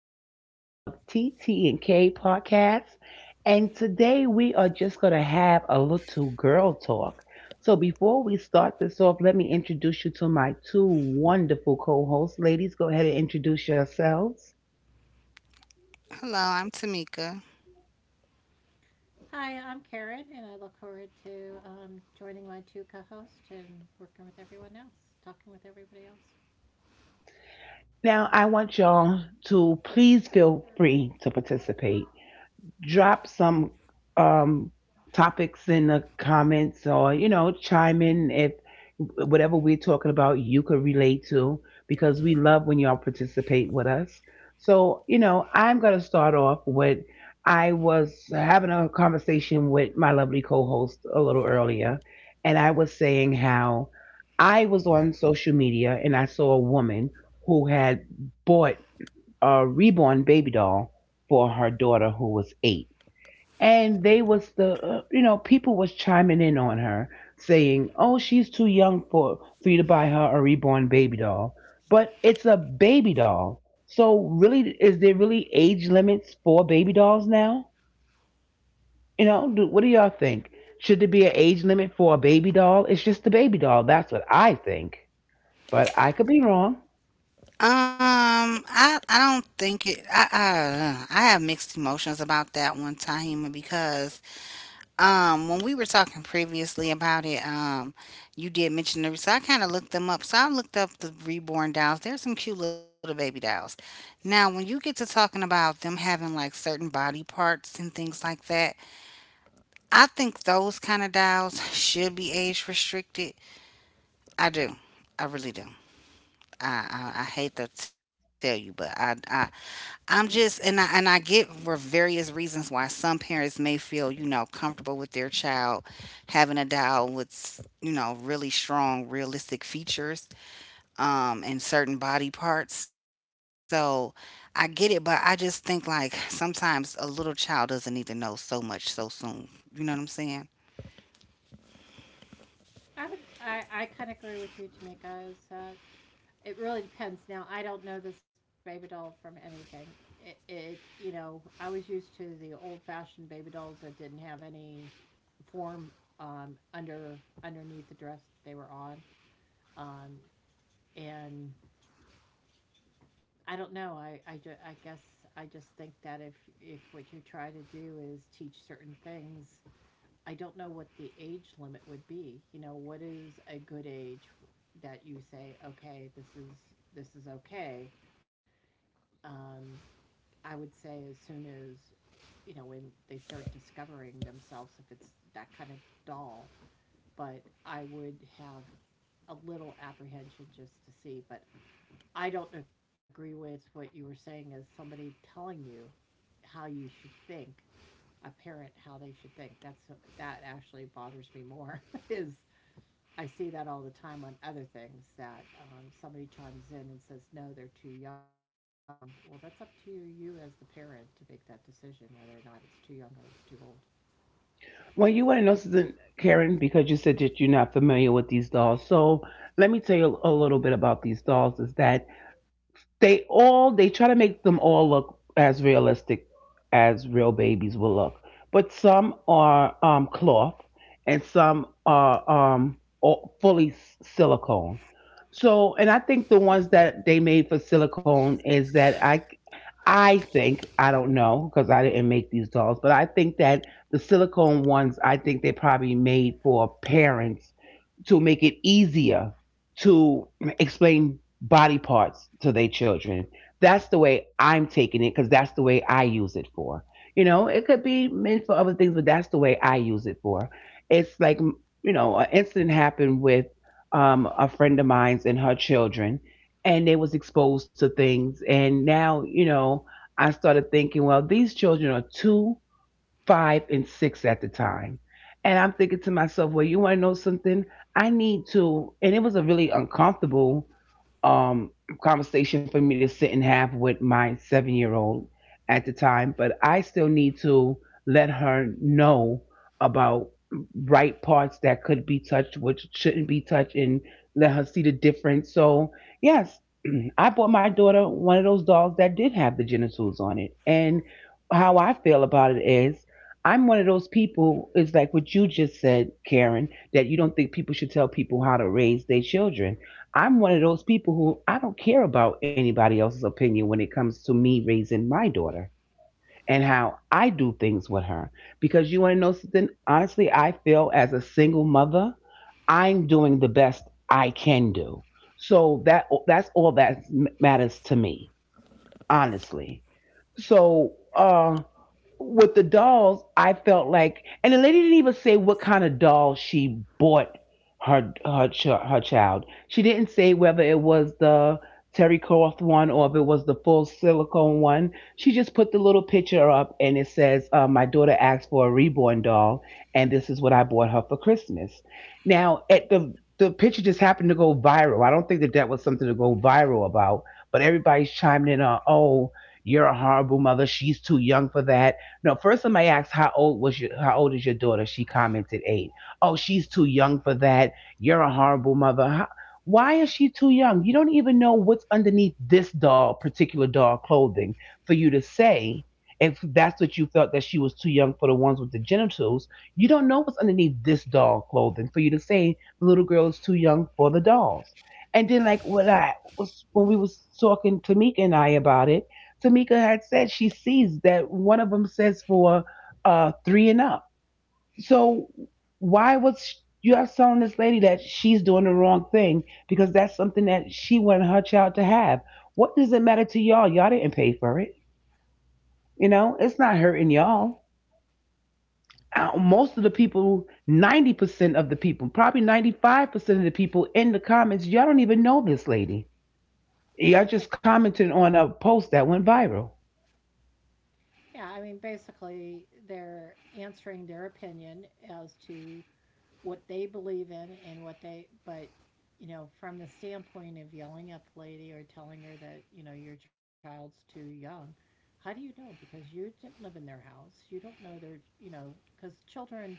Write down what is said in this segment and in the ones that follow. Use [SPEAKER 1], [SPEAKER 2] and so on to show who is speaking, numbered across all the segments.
[SPEAKER 1] episode of TT and K podcast. And today we are just going to have a little girl talk. So before we start this off, let me introduce you to my two wonderful co-hosts. Ladies, go ahead and introduce yourselves.
[SPEAKER 2] Hello, I'm Tamika.
[SPEAKER 3] Hi, I'm Karen, and I look forward to joining my two co-hosts and working with everyone else, talking with everybody else.
[SPEAKER 1] Now, I want y'all to please feel free to participate, drop some um, topics in the comments, or, chime in if whatever we're talking about you could relate to, because we love when y'all participate with us. So, I'm going to start off with, I was having a conversation with my lovely co host a little earlier, and I was saying how I was on social media and I saw a woman who had bought a reborn baby doll for her daughter who was 8. And they was the people was chiming in on her saying, oh, she's too young for you to buy her a reborn baby doll. But it's a baby doll. So really, is there really age limits for baby dolls now? What do y'all think? Should there be an age limit for a baby doll? It's just a baby doll. That's what I think, but I could be wrong.
[SPEAKER 2] I don't think it. I have mixed emotions about that one, Tahima, because when we were talking previously about it, you did mention the so I kind of looked them up. So I looked up the reborn dolls. There's some cute little baby dolls. Now, when you get to talking about them having like certain body parts and things like that, I think those kind of dolls should be age restricted. I do. I really do. I hate to tell you, but I'm just and I get for various reasons why some parents may feel comfortable with their child having a doll with really strong realistic features and certain body parts. So I get it, but I just think like sometimes a little child doesn't need to know so much so soon. You know what I'm saying?
[SPEAKER 3] I kind of agree with you, Tamika. Is that it really depends. Now, I don't know this baby doll from anything. I was used to the old-fashioned baby dolls that didn't have any form, underneath the dress that they were on, um, and I don't know. I guess I just think that if what you try to do is teach certain things, I don't know what the age limit would be. You know, what is a good age that you say, okay, this is okay. Um, I would say as soon as you know when they start discovering themselves, if it's that kind of doll. But I would have a little apprehension just to see. But I don't agree with what you were saying, as somebody telling you how you should think, a parent how they should think. That actually bothers me more is I see that all the time on other things that somebody chimes in and says, no, they're too young. Well, that's up to you as the parent to make that decision whether or not it's too young or it's too old. That's
[SPEAKER 1] Well, you want to know something, Karen? Because you said that you're not familiar with these dolls, so let me tell you a little bit about these dolls. Is that they all, they try to make them all look as realistic as real babies will look, but some are cloth, and some are all fully silicone. So, and I think the ones that they made for silicone is that I think, I don't know because I didn't make these dolls, but I think that the silicone ones, I think they probably made for parents to make it easier to explain body parts to their children. That's the way I'm taking it, because that's the way I use it for. You know, it could be meant for other things, but that's the way I use it for. It's like, an incident happened with a friend of mine's and her children, and they was exposed to things. And now, I started thinking, well, these children are too 5 and 6 at the time. And I'm thinking to myself, well, you want to know something? I need to. And it was a really uncomfortable um, conversation for me to sit and have with my 7-year-old old at the time, but I still need to let her know about right parts that could be touched, which shouldn't be touched, and let her see the difference. So, yes, I bought my daughter one of those dolls that did have the genitals on it. And how I feel about it is, I'm one of those people, it's like what you just said, Karen, that you don't think people should tell people how to raise their children. I'm one of those people who, I don't care about anybody else's opinion when it comes to me raising my daughter and how I do things with her. Because you want to know something? Honestly, I feel as a single mother, I'm doing the best I can do. So that's all that matters to me, honestly. So with the dolls, I felt like, and the lady didn't even say what kind of doll she bought her child. She didn't say whether it was the terry cloth one or if it was the full silicone one. She just put the little picture up and it says, "My daughter asked for a reborn doll, and this is what I bought her for Christmas." Now, at the picture just happened to go viral. I don't think that that was something to go viral about, but everybody's chiming in on, "Oh." You're a horrible mother. She's too young for that. No, first somebody asked, how old is your daughter? She commented 8. Oh, she's too young for that. You're a horrible mother. How, why is she too young? You don't even know what's underneath this doll, particular doll clothing, for you to say if that's what you felt, that she was too young for the ones with the genitals. You don't know what's underneath this doll clothing for you to say the little girl is too young for the dolls. And then, like, when we was talking to Meek and I about it, Tamika had said she sees that one of them says for 3 and up. So why was sh- you have telling this lady that she's doing the wrong thing because that's something that she wanted her child to have? What does it matter to y'all? Y'all didn't pay for it. You know, it's not hurting y'all. Most of the people, 90% of the people, probably 95% of the people in the comments, y'all don't even know this lady. Y'all
[SPEAKER 3] Yeah,
[SPEAKER 1] just commented on a post that went viral.
[SPEAKER 3] yeah, I mean, basically they're answering their opinion as to what they believe in, and what they, but you know, from the standpoint of yelling at the lady or telling her that your child's too young. How do you know? Because you didn't live in their house, you don't know their, you know, because children,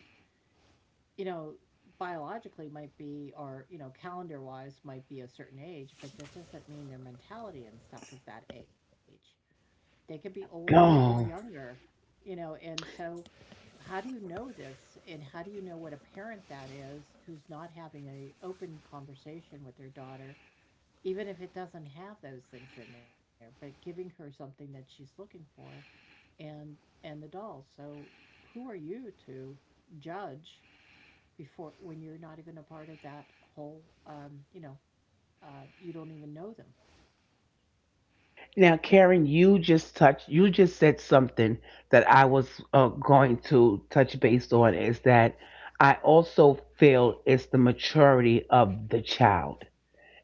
[SPEAKER 3] you know, biologically might be, or you know, calendar wise might be a certain age, but that doesn't mean their mentality and stuff is that age. They could be older or
[SPEAKER 1] Oh.
[SPEAKER 3] younger. You know, and so how do you know this? And how do you know what a parent that is who's not having an open conversation with their daughter, even if it doesn't have those things in there, but giving her something that she's looking for, and and the doll. So who are you to judge before, when you're not even a part of that whole, you don't even know them.
[SPEAKER 1] Now, Karen, you just touched, you just said something that I was going to touch base on, is that I also feel it's the maturity of the child.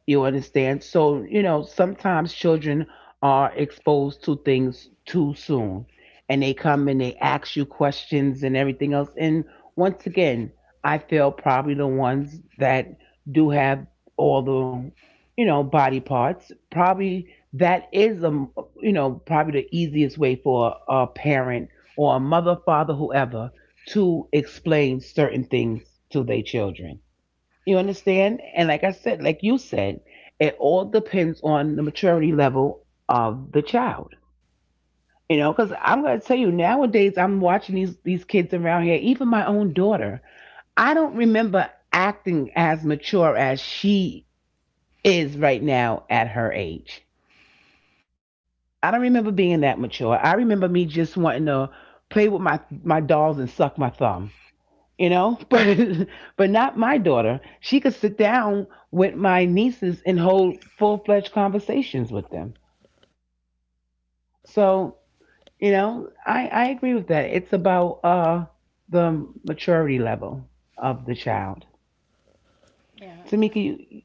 [SPEAKER 1] You understand? So, sometimes children are exposed to things too soon and they come and they ask you questions and everything else. And once again, I feel probably the ones that do have all the, body parts, probably that is a, probably the easiest way for a parent or a mother, father, whoever, to explain certain things to their children. You understand? And like I said, like you said, it all depends on the maturity level of the child. You know, because I'm gonna tell you, nowadays I'm watching these kids around here. Even my own daughter, I don't remember acting as mature as she is right now at her age. I don't remember being that mature. I remember me just wanting to play with my dolls and suck my thumb. you know but but not my daughter. She could sit down with my nieces and hold full-fledged conversations with them. So I agree with that. It's about the maturity level of the child.
[SPEAKER 3] Yeah,
[SPEAKER 1] Tamika, you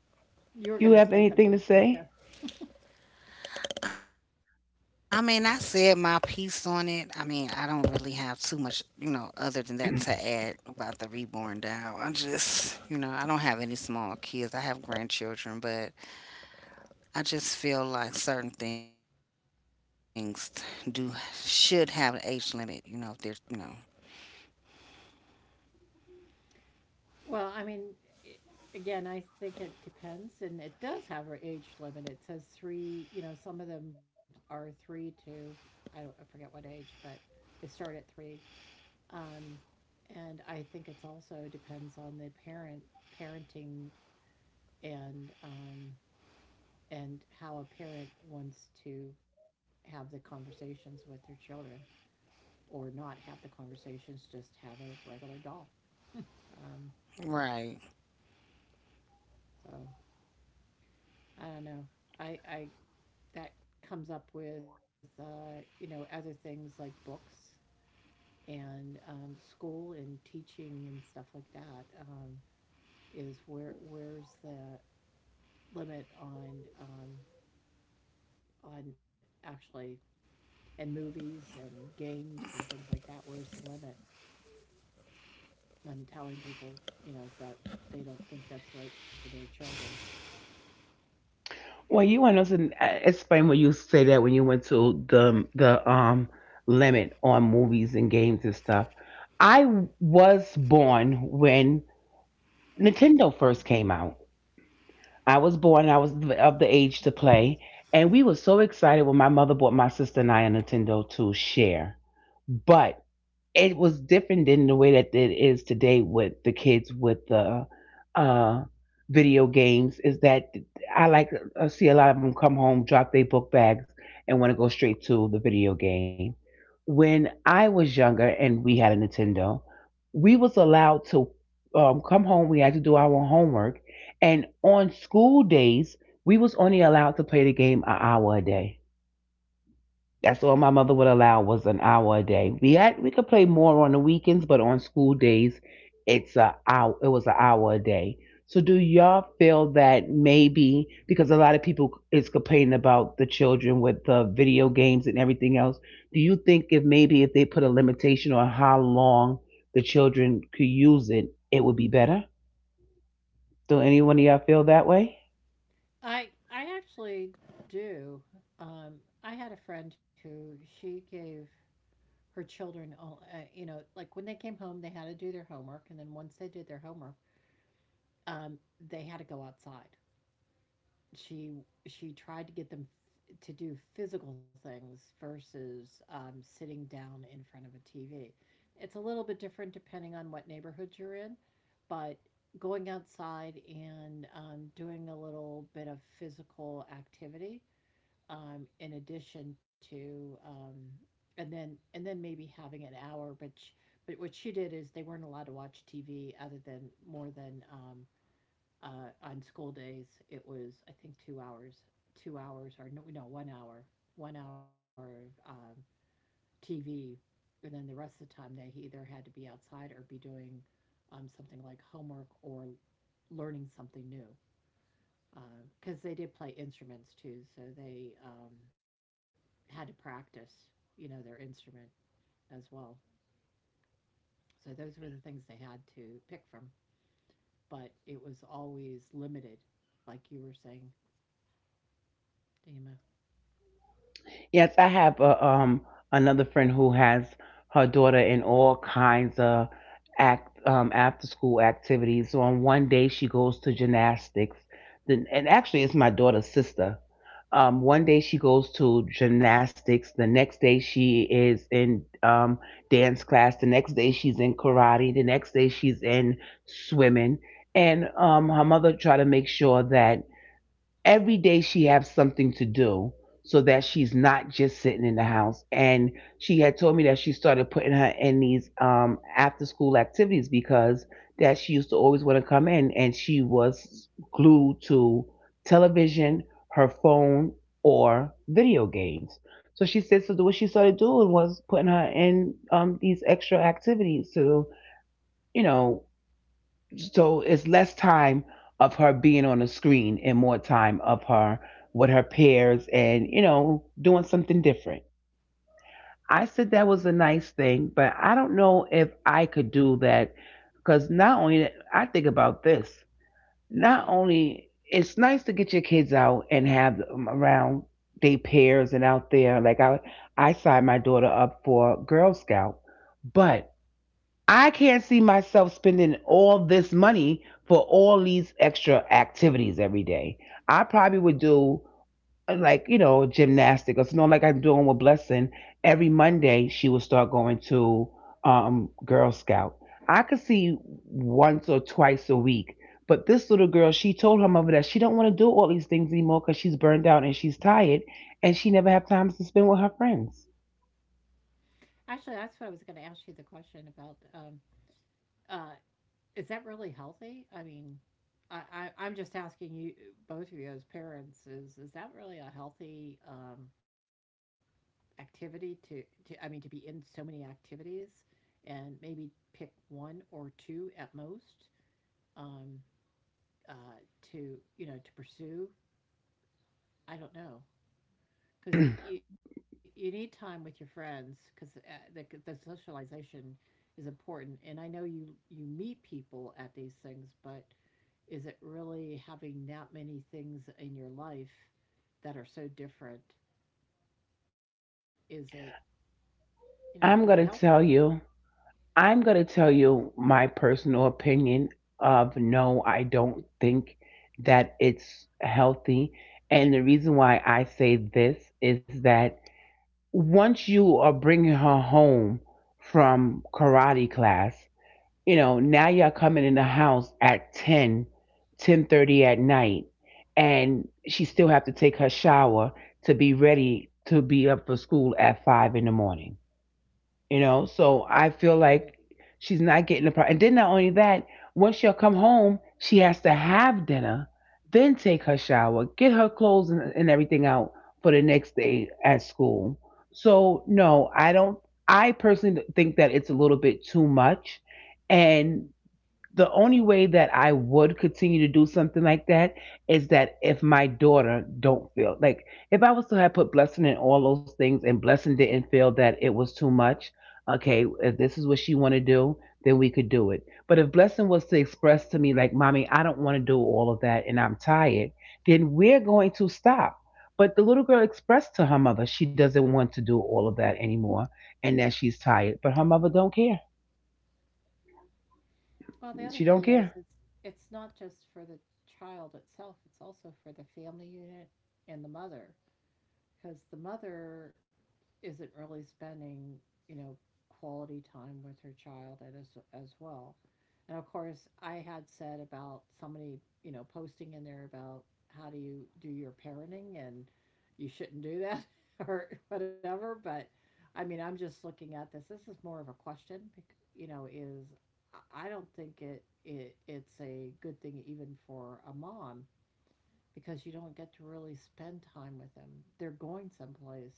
[SPEAKER 3] you were
[SPEAKER 1] you
[SPEAKER 3] going to
[SPEAKER 1] have
[SPEAKER 3] say
[SPEAKER 1] anything to
[SPEAKER 3] something, Tamika.
[SPEAKER 1] say?
[SPEAKER 2] I mean, I said my piece on it. I mean, I don't really have too much other than that to add about the reborn doll. I just, I don't have any small kids. I have grandchildren, but I just feel like certain things do should have an age limit, if there's, you know.
[SPEAKER 3] Well, I mean, I, again, I think it depends, and it does have an age limit. It says three. You know, some of them are three to I don't I forget what age, but they start at three. Um, and I think it's also depends on the parenting, and um, and how a parent wants to have the conversations with their children, or not have the conversations. Just have a regular doll. Um,
[SPEAKER 2] Right.
[SPEAKER 3] so I don't know. I that comes up with, other things like books and school and teaching and stuff like that. Is where where's the limit on, on actually, and movies and games and things like that? Where's the limit on telling people, that they don't think that's right for their children?
[SPEAKER 1] Well, you want us to explain when you say that, when you went to the limit on movies and games and stuff. I was born when Nintendo first came out. I was born. Of the age to play, and we were so excited when my mother bought my sister and I a Nintendo to share. But it was different than the way that it is today with the kids with the uh, video games. Is that I like I see a lot of them come home, drop their book bags, and want to go straight to the video game. When I was younger and we had a Nintendo, we was allowed to come home. We had to do our own homework, and on school days, we was only allowed to play the game an hour a day. That's all my mother would allow, was an hour a day. We could play more on the weekends, but on school days, it's a hour. It was an hour a day. So do y'all feel that maybe, because a lot of people is complaining about the children with the video games and everything else? Do you think if maybe if they put a limitation on how long the children could use it, it would be better? Do any one of y'all feel that way?
[SPEAKER 3] I actually do. Um, I had a friend who she gave her children all, like when they came home they had to do their homework, and then once they did their homework, um, they had to go outside. She tried to get them, to do physical things versus, sitting down in front of a TV. It's a little bit different depending on what neighborhood you're in, but going outside and, doing a little bit of physical activity, in addition to, and then maybe having an hour, but but what she did is they weren't allowed to watch TV other than more than, on school days it was, I think, 2 hours, 2 hours, or no, no, 1 hour, 1 hour of, TV. And then the rest of the time they either had to be outside or be doing, something like homework or learning something new, because, they did play instruments too, so they, had to practice, their instrument as well. So those were the things they had to pick from, but it was always limited, like you were saying, Dima.
[SPEAKER 1] Yes, I have a, another friend who has her daughter in all kinds of act after school activities. So on one day she goes to gymnastics. Then, and actually it's my daughter's sister. One day she goes to gymnastics. The next day she is in dance class. The next day she's in karate. The next day she's in swimming. And her mother tried to make sure that every day she has something to do, so that she's not just sitting in the house. And she had told me that she started putting her in these after school activities, because that she used to always want to come in, and she was glued to television, her phone, or video games. So she said, so what she started doing was putting her in these extra activities, to, you know so it's less time of her being on the screen and more time of her with her peers and, doing something different. I said that was a nice thing, but I don't know if I could do that because not only I think about this, not only it's nice to get your kids out and have them around they peers and out there. I signed my daughter up for Girl Scout, but I can't see myself spending all this money for all these extra activities every day. I probably would do like, you know, gymnastics, or something like I'm doing with Blessing. Every Monday she would start going to Girl Scout. I could see once or twice a week, but this little girl, she told her mother that she don't want to do all these things anymore because she's burned out and she's tired, and she never have time to spend with her friends.
[SPEAKER 3] Actually, that's what I was going to ask you the question about. Uh, is that really healthy? I mean, I'm just asking you, both of you as parents, is that really a healthy, activity to, I mean, to be in so many activities, and maybe pick one or two at most, um, uh, to to pursue. I don't know, because you need time with your friends, because the socialization is important. And I know you meet people at these things, but is it really having that many things in your life that are so different? Is it you know is it
[SPEAKER 1] I'm going
[SPEAKER 3] healthy?
[SPEAKER 1] to tell you, I'm going to tell you my personal opinion of no, I don't think that it's healthy. And the reason why I say this is that once you are bringing her home from karate class, you know, now you're coming in the house at 10, 10:30 at night, and she still have to take her shower to be ready to be up for school at 5 in the morning. You know, so I feel
[SPEAKER 3] Right.
[SPEAKER 1] like she's not getting the part. And then not only that, once she'll come home, she has to have dinner, then take her shower, get her clothes and everything out for the next day at school. So no, I don't. I personally think that it's a little bit too much, and the only way that I would continue to do something like that is that if my daughter don't feel like, if I was to have put blessing in all those things and blessing didn't feel that it was too much, okay, if this is what she want to do, then we could do it. But if blessing was to express to me like, "Mommy, I don't want to do all of that and I'm tired," then we're going to stop. But the little girl expressed to her mother she doesn't want to do all of that anymore and that she's tired, but her mother don't care.
[SPEAKER 3] Well, the other
[SPEAKER 1] She
[SPEAKER 3] thing
[SPEAKER 1] don't
[SPEAKER 3] is
[SPEAKER 1] care.
[SPEAKER 3] it's not just for the child itself, it's also for the family unit and the mother, because the mother isn't really spending, you know, quality time with her child as well. And of course, I had said about somebody, posting in there about how do you do your parenting, and you shouldn't do that or whatever. But I mean, I'm just looking at this. This is more of a question, you know, is I don't think it's a good thing even for a mom, because you don't get to really spend time with them. They're going someplace,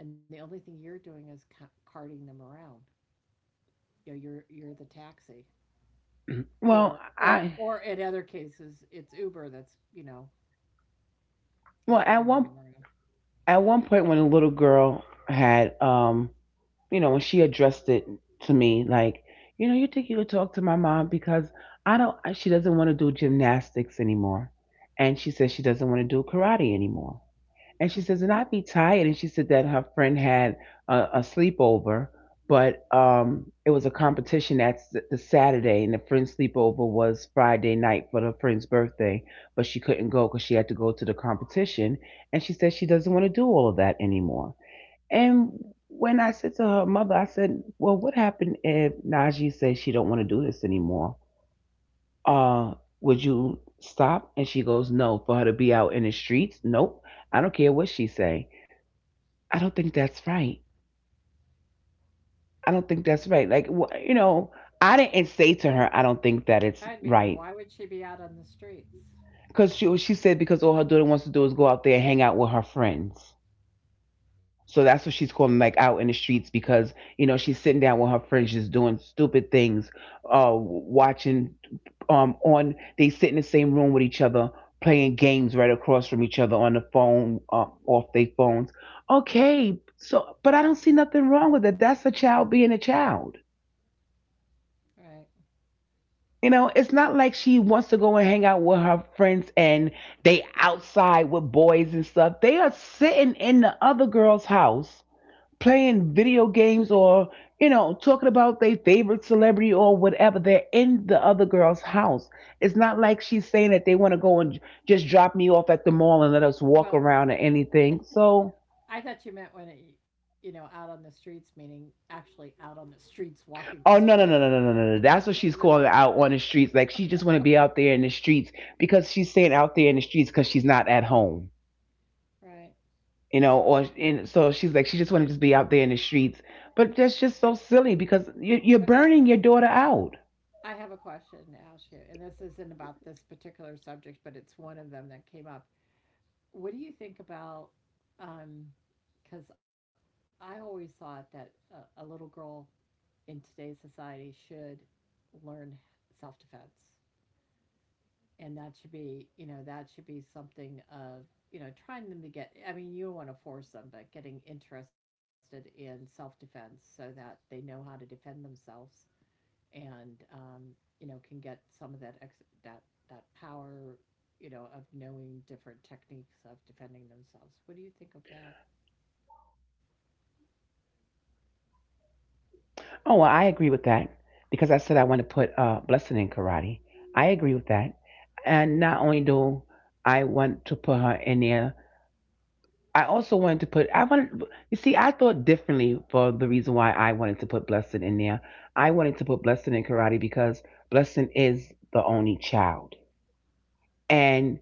[SPEAKER 3] and the only thing you're doing is, carting them around. You know, you're the taxi,
[SPEAKER 1] Well,
[SPEAKER 3] or,
[SPEAKER 1] I
[SPEAKER 3] in other cases, it's Uber that's you know that's
[SPEAKER 1] Well,
[SPEAKER 3] bringing them around.
[SPEAKER 1] at one point when a little girl had you know, when she addressed it to me like, you know, "You think you could talk to my mom because I don't I- she doesn't want to do gymnastics anymore." And she says she doesn't want to do karate anymore. And she says, and I'd be tired. And she said that her friend had a sleepover, but it was a competition that's the Saturday, and the friend's sleepover was Friday night for her friend's birthday, but she couldn't go because she had to go to the competition. And she said she doesn't want to do all of that anymore. And when I said to her mother, I said, "Well, what happened if Najee says she don't want to do this anymore? Uh, would you stop?" And she goes, "No, for her to be out in the streets? Nope. I don't care what she say." I don't think that's right. I don't think that's right. You know, I didn't say to her, I don't think that it's
[SPEAKER 3] I mean,
[SPEAKER 1] right.
[SPEAKER 3] why would she be out on the streets,
[SPEAKER 1] Because she said, because all her daughter wants to do is go out there and hang out with her friends. So that's what she's calling like out in the streets because, you know, she's sitting down with her friends, just doing stupid things, watching, they sit in the same room with each other, playing games right across from each other on the phone, off their phones. Okay. So, but I don't see nothing wrong with it. That's a child being a child.
[SPEAKER 3] right?
[SPEAKER 1] You know, it's not like she wants to go and hang out with her friends and they outside with boys and stuff. They are sitting in the other girl's house playing video games or, you know, talking about their favorite celebrity or whatever. They're in the other girl's house. It's not like she's saying that they want to go and just drop me off at the mall and let us walk
[SPEAKER 3] Well,
[SPEAKER 1] around or anything. So,
[SPEAKER 3] I thought you meant when it, you know, out on the streets, meaning actually out on the streets, walking the
[SPEAKER 1] oh, no,
[SPEAKER 3] streets.
[SPEAKER 1] no, no, no, no, no, no. no.
[SPEAKER 3] That's
[SPEAKER 1] That's what
[SPEAKER 3] what I
[SPEAKER 1] she's
[SPEAKER 3] thought you
[SPEAKER 1] calling
[SPEAKER 3] meant,
[SPEAKER 1] out on the streets. Like, she just want to be out there in the streets because she's staying out there in the streets because she's not at home.
[SPEAKER 3] right?
[SPEAKER 1] You know, or and so she's like, she just wanted to just be out there in the streets. But that's just so silly because you're
[SPEAKER 3] Okay.
[SPEAKER 1] burning your daughter out.
[SPEAKER 3] I have a question to ask you, and this isn't about this particular subject, but it's one of them that came up. What do you think about? um, Because I always thought that a little girl in today's society should learn self defense, and that should be, something of, you know, trying them to get. I mean, you don't want to force them, but getting interested in self defense so that they know how to defend themselves, and can get some of that, that power, of knowing different techniques of defending themselves. What do you think of that?
[SPEAKER 1] Oh, well, I agree with that because I said I wanted to put blessing in karate. I agree with that, and not only do I want to put her in there, I also wanted to put I wanted you see I thought differently for the reason why I wanted to put blessing in there. I wanted to put blessing in karate because blessing is the only child. And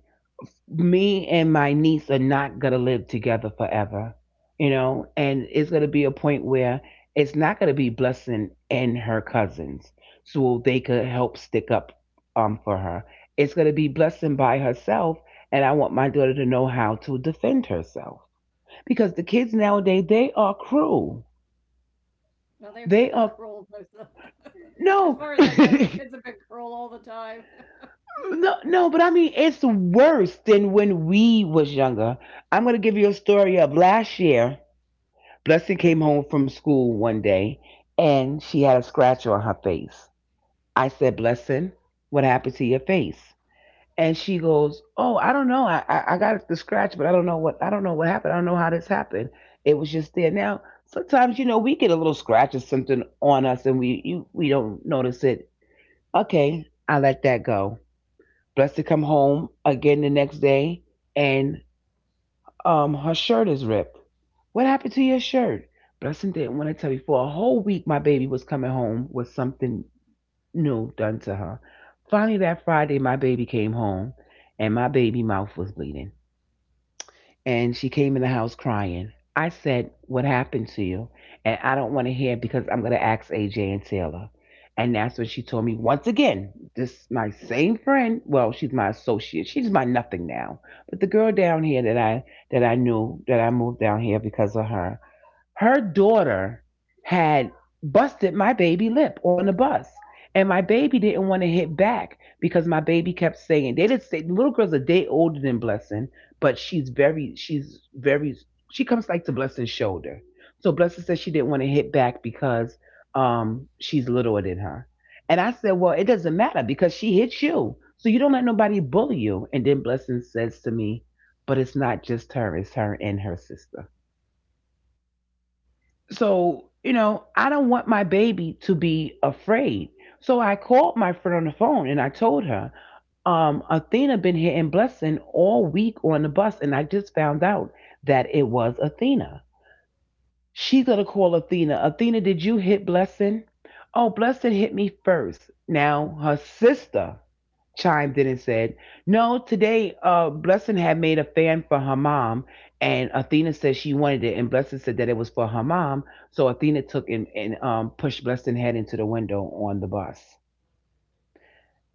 [SPEAKER 1] me and my niece are not going to live together forever. You know, and it's going to be a point where it's not going to be blessing and her cousins so they could help stick up for her. It's going to be blessing by herself, and I want my daughter to know how to defend herself because the kids nowadays they are cruel.
[SPEAKER 3] Well, they've been
[SPEAKER 1] They
[SPEAKER 3] cruel.
[SPEAKER 1] are
[SPEAKER 3] As far as I
[SPEAKER 1] no,
[SPEAKER 3] know, kids
[SPEAKER 1] no,
[SPEAKER 3] have been cruel all the time.
[SPEAKER 1] no. But I mean, it's worse than when we was younger. I'm gonna give you a story of last year. Blessing came home from school one day, and she had a scratch on her face. I said, "Blessing, what happened to your face?" And she goes, "Oh, I don't know. I got the scratch, but I don't know what happened. I don't know how this happened. It was just there." Now, sometimes you know we get a little scratch or something on us, and we don't notice it. Okay, I let that go. Blessed to come home again the next day, and her shirt is ripped. What happened to your shirt? Blessing didn't want to tell me. For a whole week, my baby was coming home with something no done to her. Finally, that Friday, my baby came home and my baby mouth was bleeding. And she came in the house crying. I said, "What happened to you? And I don't want to hear because I'm going to ask AJ and Taylor." And that's when she told me once again, this my same friend. Well, she's my associate. She's my nothing now. But the girl down here that I knew that I moved down here because of her, her daughter had busted my baby lip on the bus. And my baby didn't want to hit back because my baby kept saying they didn't say. The little girl's a day older than Blessing, but she's very, she comes like to Blessing's shoulder. So Blessing said she didn't want to hit back because she's littler than her. And I said, "Well, it doesn't matter because she hit you. So you don't let nobody bully you." And then Blessing says to me, "But it's not just her, it's her and her sister." So, you know, I don't want my baby to be afraid. So I called my friend on the phone and I told her, Athena been hitting blessing all week on the bus, and I just found out that it was Athena." She's gonna call Athena. "Athena, did you hit blessing?" "Oh, blessing hit me first." Now her sister chimed in and said, "No, today Blessing had made a fan for her mom and Athena said she wanted it and Blessing said that it was for her mom. So Athena took and pushed Blessing head into the window on the bus."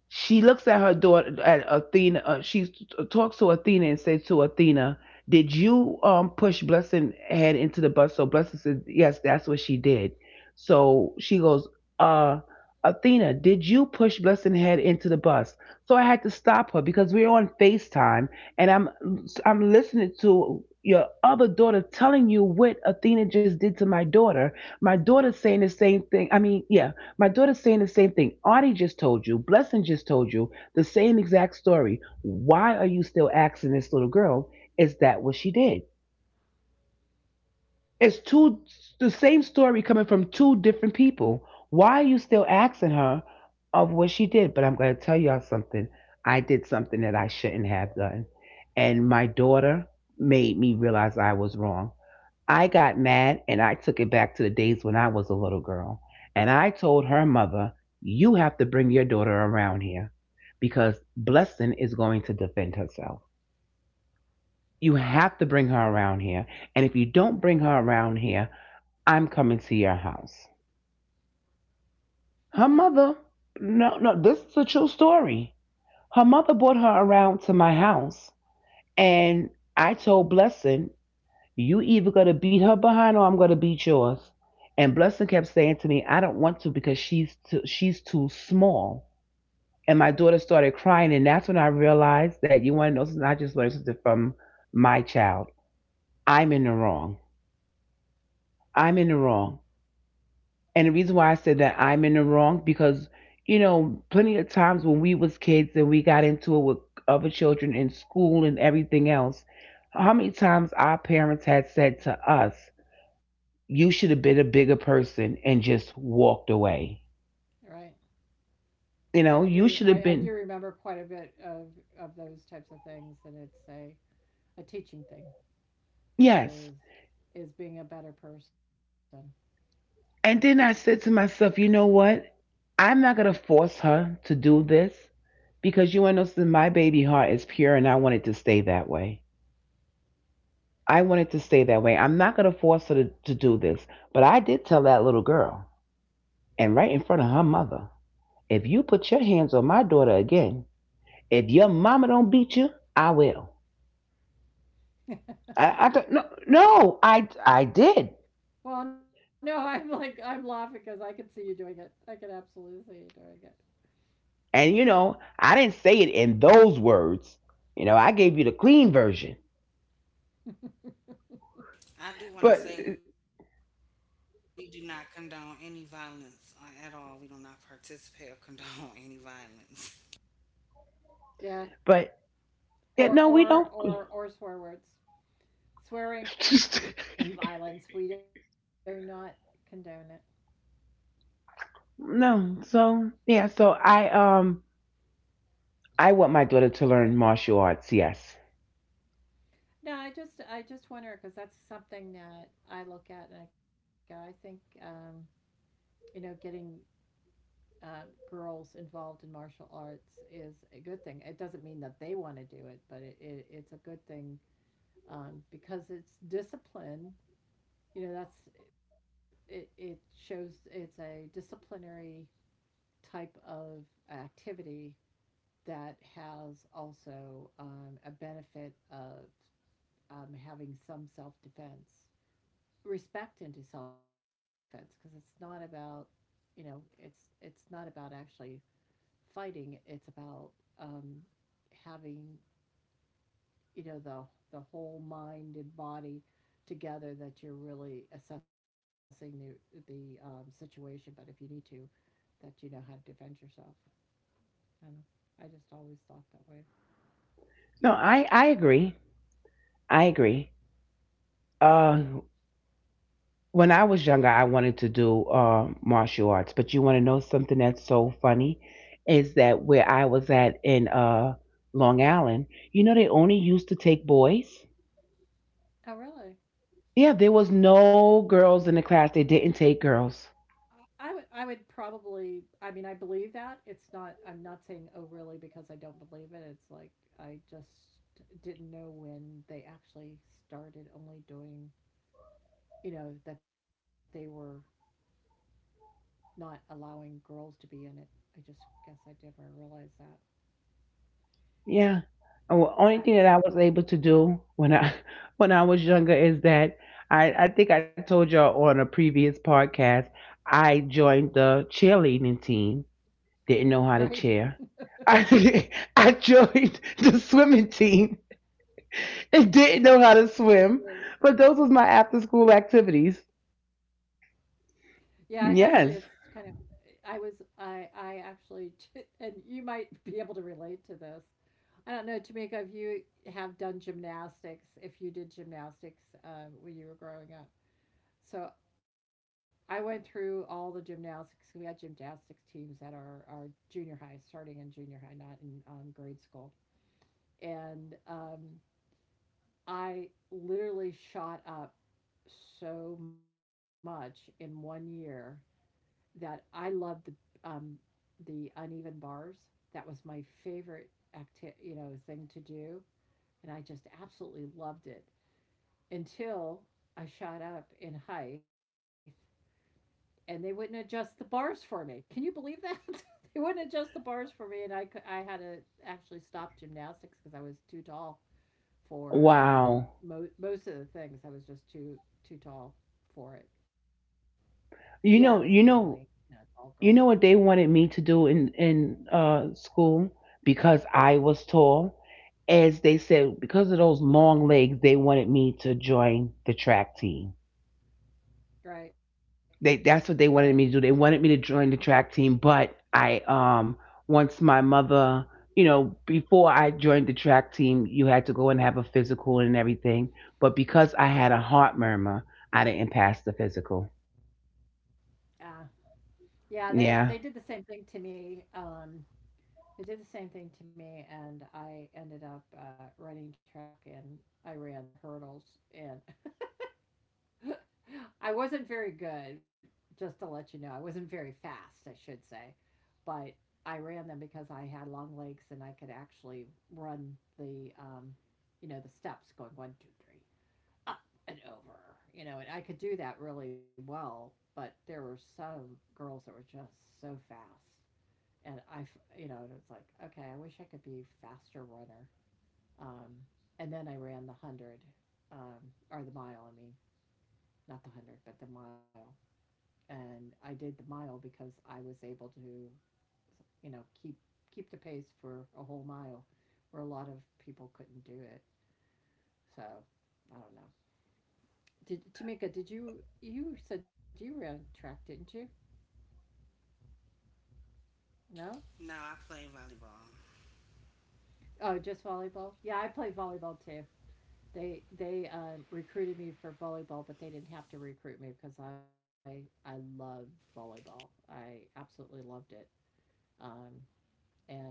[SPEAKER 1] She looks at her daughter at Athena. She talks to Athena and says to Athena, "Did you push Blessing head into the bus?" So Blessing says, "Yes, that's what she did." So she goes, "Uh, Athena, did you push Blessing head into the bus?" So I had to stop her because we are on Facetime and I'm listening to your other daughter telling you what Athena just did to my daughter. My daughter's saying the same thing. I mean, yeah, my daughter's saying the same thing. Artie just told you, Blessing just told you the same exact story. Why are you still asking this little girl, is that what she did? It's two, the same story coming from two different people. Why are you still asking her of what she did? But I'm gonna tell y'all something. I did something that I shouldn't have done. And my daughter made me realize I was wrong. I got mad and I took it back to the days when I was a little girl. And I told her mother, "You have to bring your daughter around here because Blessing is going to defend herself. You have to bring her around here. And if you don't bring her around here, I'm coming to your house." Her mother, no, no, this is a true story. Her mother brought her around to my house, and I told Blessing, "You either gonna beat her behind or I'm gonna beat yours." And Blessing kept saying to me, "I don't want to because she's she's too small." And my daughter started crying, and that's when I realized that, you want to know something? I just learned something from my child. I'm in the wrong. I'm in the wrong. And the reason why I said that I'm in the wrong, because you know, plenty of times when we was kids and we got into it with other children in school and everything else, how many times our parents had said to us, "You should have been a bigger person and just walked away."
[SPEAKER 3] Right.
[SPEAKER 1] You
[SPEAKER 3] Yeah, I
[SPEAKER 1] know,
[SPEAKER 3] do.
[SPEAKER 1] you should have
[SPEAKER 3] I do
[SPEAKER 1] been,
[SPEAKER 3] remember quite a bit of those types of things, and it's a teaching thing, is
[SPEAKER 1] yes.
[SPEAKER 3] being a better person.
[SPEAKER 1] And then I said to myself, you know what? I'm not gonna force her to do this because you and know, my baby heart is pure and I want it to stay that way. I wanted to stay that way. I'm not going to force her to do this. But I did tell that little girl, and right in front of her mother, "If you put your hands on my daughter again, if your mama don't beat you, I will." I don't, no, no, I did.
[SPEAKER 3] Well, no, I'm like, I'm laughing because I can see you doing it. I can absolutely see you doing it.
[SPEAKER 1] And, you know, I didn't say it in those words. You know, I gave you the clean version. But,
[SPEAKER 2] I do want to say we do not condone any violence at all. We do not participate or condone any violence.
[SPEAKER 3] Yeah.
[SPEAKER 1] but, yeah,
[SPEAKER 3] Or
[SPEAKER 1] no, we
[SPEAKER 3] or
[SPEAKER 1] don't.
[SPEAKER 3] or or swear words. Swearing and violence, we do not condone it.
[SPEAKER 1] No. So, yeah, so I want my daughter to learn martial arts, yes.
[SPEAKER 3] No, I just wonder because that's something that I look at and I go, I think, getting, girls involved in martial arts is a good thing. It doesn't mean that they want to do it, but it's a good thing, because it's discipline. You know, that's it. It shows it's a disciplinary type of activity that has also, a benefit of, having some self defense, respect into self defense, because it's not about, it's not about actually fighting. It's about, um, having, you know, the the whole mind and body together, that you're really assessing the situation. But if you need to, that you know how to defend yourself. I don't know. I just always thought that way.
[SPEAKER 1] No, I agree. I agree. Uh, when I was younger, I wanted to do martial arts. But you want to know something that's so funny is that where I was at in Long Island, you know, they only used to take boys.
[SPEAKER 3] Oh, really?
[SPEAKER 1] Yeah, there was no girls in the class. They didn't take girls.
[SPEAKER 3] I would probably, I mean, I believe that, it's not I'm not saying, oh, really, because I don't believe it. It's like, I just didn't know when they actually started only doing, that they were not allowing girls to be in it. I just guess I never realized that.
[SPEAKER 1] Yeah. The only thing that I was
[SPEAKER 3] Ah,
[SPEAKER 1] able to do when I when I was younger is that I think I told y'all on a previous podcast, I joined the cheerleading team. Didn't know how to chair.
[SPEAKER 3] right.
[SPEAKER 1] I I joined the swimming team and didn't know how to swim, but those was my after school activities.
[SPEAKER 3] Yeah, actually,
[SPEAKER 1] Yes.
[SPEAKER 3] it's kind of, I was, I actually and you might be able to relate to this. I don't know, Tamika, if you have done gymnastics, if you did gymnastics, when you were growing up. So I went through all the gymnastics because we had gymnastics teams at our junior high, starting in junior high, not in, grade school. And I literally shot up so much in 1 year that I loved um, the uneven bars. That was my favorite thing to do, and I just absolutely loved it until I shot up in height and they wouldn't adjust the bars for me. Can you believe that? They wouldn't adjust the bars for me, and I had to actually stop gymnastics because I was too tall for
[SPEAKER 1] Wow.
[SPEAKER 3] most of the things. I was just too tall for it. Yeah, I was a
[SPEAKER 1] You
[SPEAKER 3] gangly,
[SPEAKER 1] know, you
[SPEAKER 3] you know,
[SPEAKER 1] know,
[SPEAKER 3] tall girl.
[SPEAKER 1] you know what they wanted me to do in in school, because I was tall. As they said, because of those long legs, they wanted me to join the track team.
[SPEAKER 3] Right,
[SPEAKER 1] They, that's what
[SPEAKER 3] right.
[SPEAKER 1] they wanted me to do. They wanted me to join the track team, but I once my mother, you know, before I joined the track team, you had to go and have a physical and everything, but because I had a heart murmur, I didn't pass the physical.
[SPEAKER 3] Uh, yeah, they did
[SPEAKER 1] Yeah.
[SPEAKER 3] the same thing to me. It did the same thing to me, and I ended up running track and I ran the hurdles. And I wasn't very good, just to let you know. I wasn't very fast, I should say. But I ran them because I had long legs, and I could actually run the steps going one, two, three, up and over, you know, and I could do that really well. But there were some girls that were just so fast. And I, and it's like, okay, I wish I could be a faster runner. Um, and then I ran the 100, um, or the mile, I mean, not the 100, but the mile. And I did the mile because I was able to, you know, keep the pace for a whole mile where a lot of people couldn't do it. So, I don't know. Did you said you ran track, didn't you? No?
[SPEAKER 2] No, I play volleyball.
[SPEAKER 3] Oh, just volleyball? Yeah, I played volleyball too. They recruited me for volleyball, but they didn't have to recruit me because I loved volleyball. I absolutely loved it. Um, and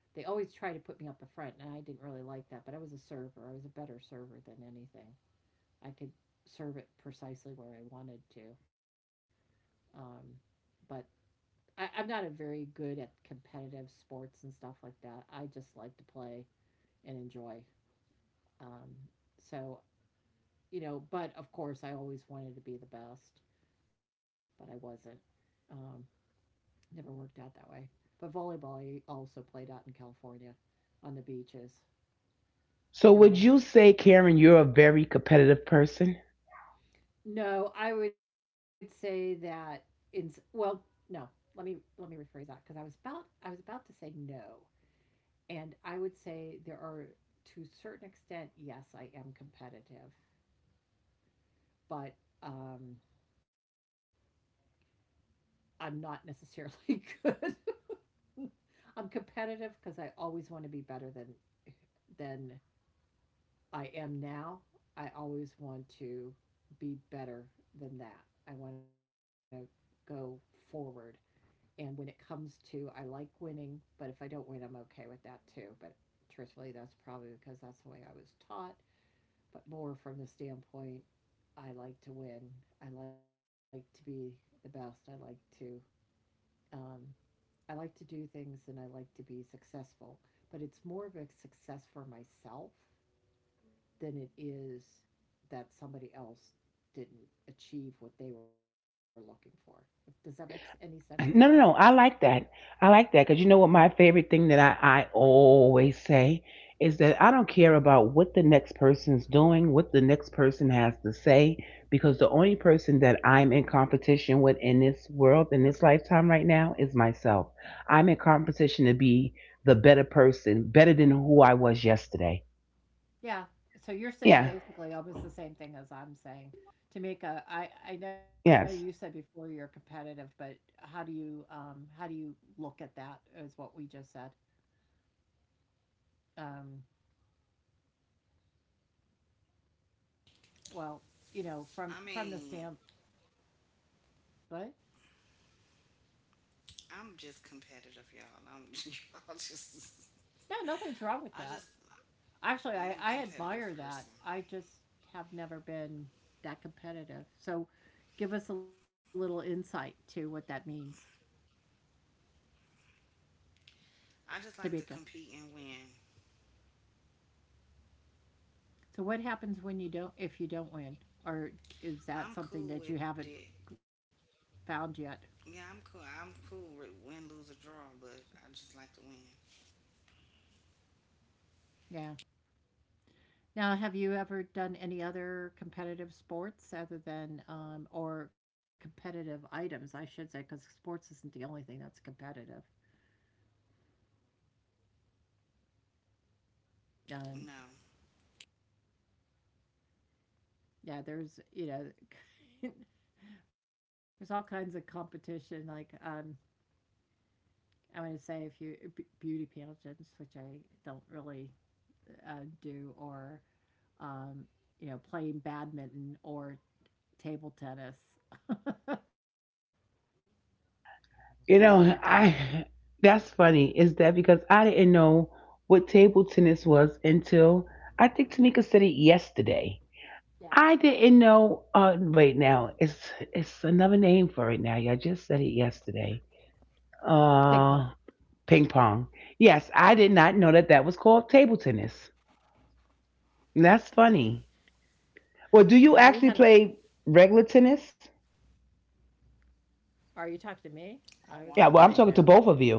[SPEAKER 3] they always tried to put me up the front, and I didn't really like that. But I was a server. I was a better server than anything. I could serve it precisely where I wanted to. Um, but I'm not a very good at competitive sports and stuff like that. I just like to play and enjoy. Um, so you know, but of course, I always wanted to be the best, but I wasn't. Um, Never worked out that way. But volleyball, I also played out in California on the beaches.
[SPEAKER 1] So
[SPEAKER 3] And
[SPEAKER 1] would
[SPEAKER 3] that,
[SPEAKER 1] you say, Karen, you're a very competitive person?
[SPEAKER 3] no, I would say that in, s- well, no, let me rephrase that because I was about to say no. And I would say there are, to a certain extent, yes, I am competitive, but um, I'm not necessarily good. I'm competitive because I always want to be better than I am now. I always want to be better than that. I want to go forward. And when it comes to, I like winning, but if I don't win, I'm okay with that too. But truthfully, that's probably because that's the way I was taught. But more from the standpoint, I like to win. I like to be the best. Um, I like to do things and I like to be successful. But it's more of a success for myself than it is that somebody else didn't achieve what they were looking for. Does that make any sense to you guys?
[SPEAKER 1] No, no, no. I like that. I like that because, you know what? My favorite thing that I always say is that I don't care about what the next person's doing, what the next person has to say, because the only person that I'm in competition with in this world, in this lifetime right now, is myself. I'm in competition to be the better person, better than who I was yesterday.
[SPEAKER 3] Yeah. So you're saying
[SPEAKER 1] Yeah.
[SPEAKER 3] basically almost the same thing as I'm saying. Tamika, I know you said
[SPEAKER 1] Yes.
[SPEAKER 3] before you're competitive, but how do you look at that is what we just said. Um, well, you know, from the
[SPEAKER 2] I
[SPEAKER 3] stamp,
[SPEAKER 2] mean,
[SPEAKER 3] but
[SPEAKER 2] I'm just competitive, y'all. I'm y'all just
[SPEAKER 3] no, nothing's wrong with that.
[SPEAKER 2] I just
[SPEAKER 3] Actually, I
[SPEAKER 2] I'm a
[SPEAKER 3] admire that.
[SPEAKER 2] competitive
[SPEAKER 3] I just
[SPEAKER 2] person.
[SPEAKER 3] have never been that competitive. So give us a little insight to what that means, Tabika.
[SPEAKER 2] I just like to compete and win.
[SPEAKER 3] So what happens when you don't if you don't win? Or is that something that you
[SPEAKER 2] I'm
[SPEAKER 3] haven't
[SPEAKER 2] cool with it.
[SPEAKER 3] found yet?
[SPEAKER 2] Yeah, I'm cool. I'm cool with win, lose, or draw, but I just like to win.
[SPEAKER 3] Yeah. Now, have you ever done any other competitive sports other than or competitive items, I should say, because sports isn't the only thing that's competitive. Um,
[SPEAKER 2] No,
[SPEAKER 3] yeah, there's you know, there's all kinds of competition. Like I want to say if you beauty pageants, which I don't really do, or um, you know, playing badminton or table tennis or
[SPEAKER 1] You
[SPEAKER 3] um,
[SPEAKER 1] know, I, that's funny. Is that because I didn't know what table tennis was until I think Tamika said it yesterday.
[SPEAKER 3] yeah,
[SPEAKER 1] I didn't know. Wait, now it's another name for it. Now, y'all just said it yesterday.
[SPEAKER 3] ping pong.
[SPEAKER 1] Uh, ping pong. Yes, I did not know that that was called table tennis. That's funny. Well, do
[SPEAKER 3] Yeah,
[SPEAKER 1] you
[SPEAKER 3] we had.
[SPEAKER 1] actually play regular tennis?
[SPEAKER 3] Are you talking to
[SPEAKER 2] I
[SPEAKER 3] me?
[SPEAKER 2] want to
[SPEAKER 3] I
[SPEAKER 2] learn.
[SPEAKER 3] was
[SPEAKER 1] Yeah.
[SPEAKER 3] gonna
[SPEAKER 1] Well, I'm
[SPEAKER 3] say
[SPEAKER 1] talking to
[SPEAKER 3] no,
[SPEAKER 1] both of you.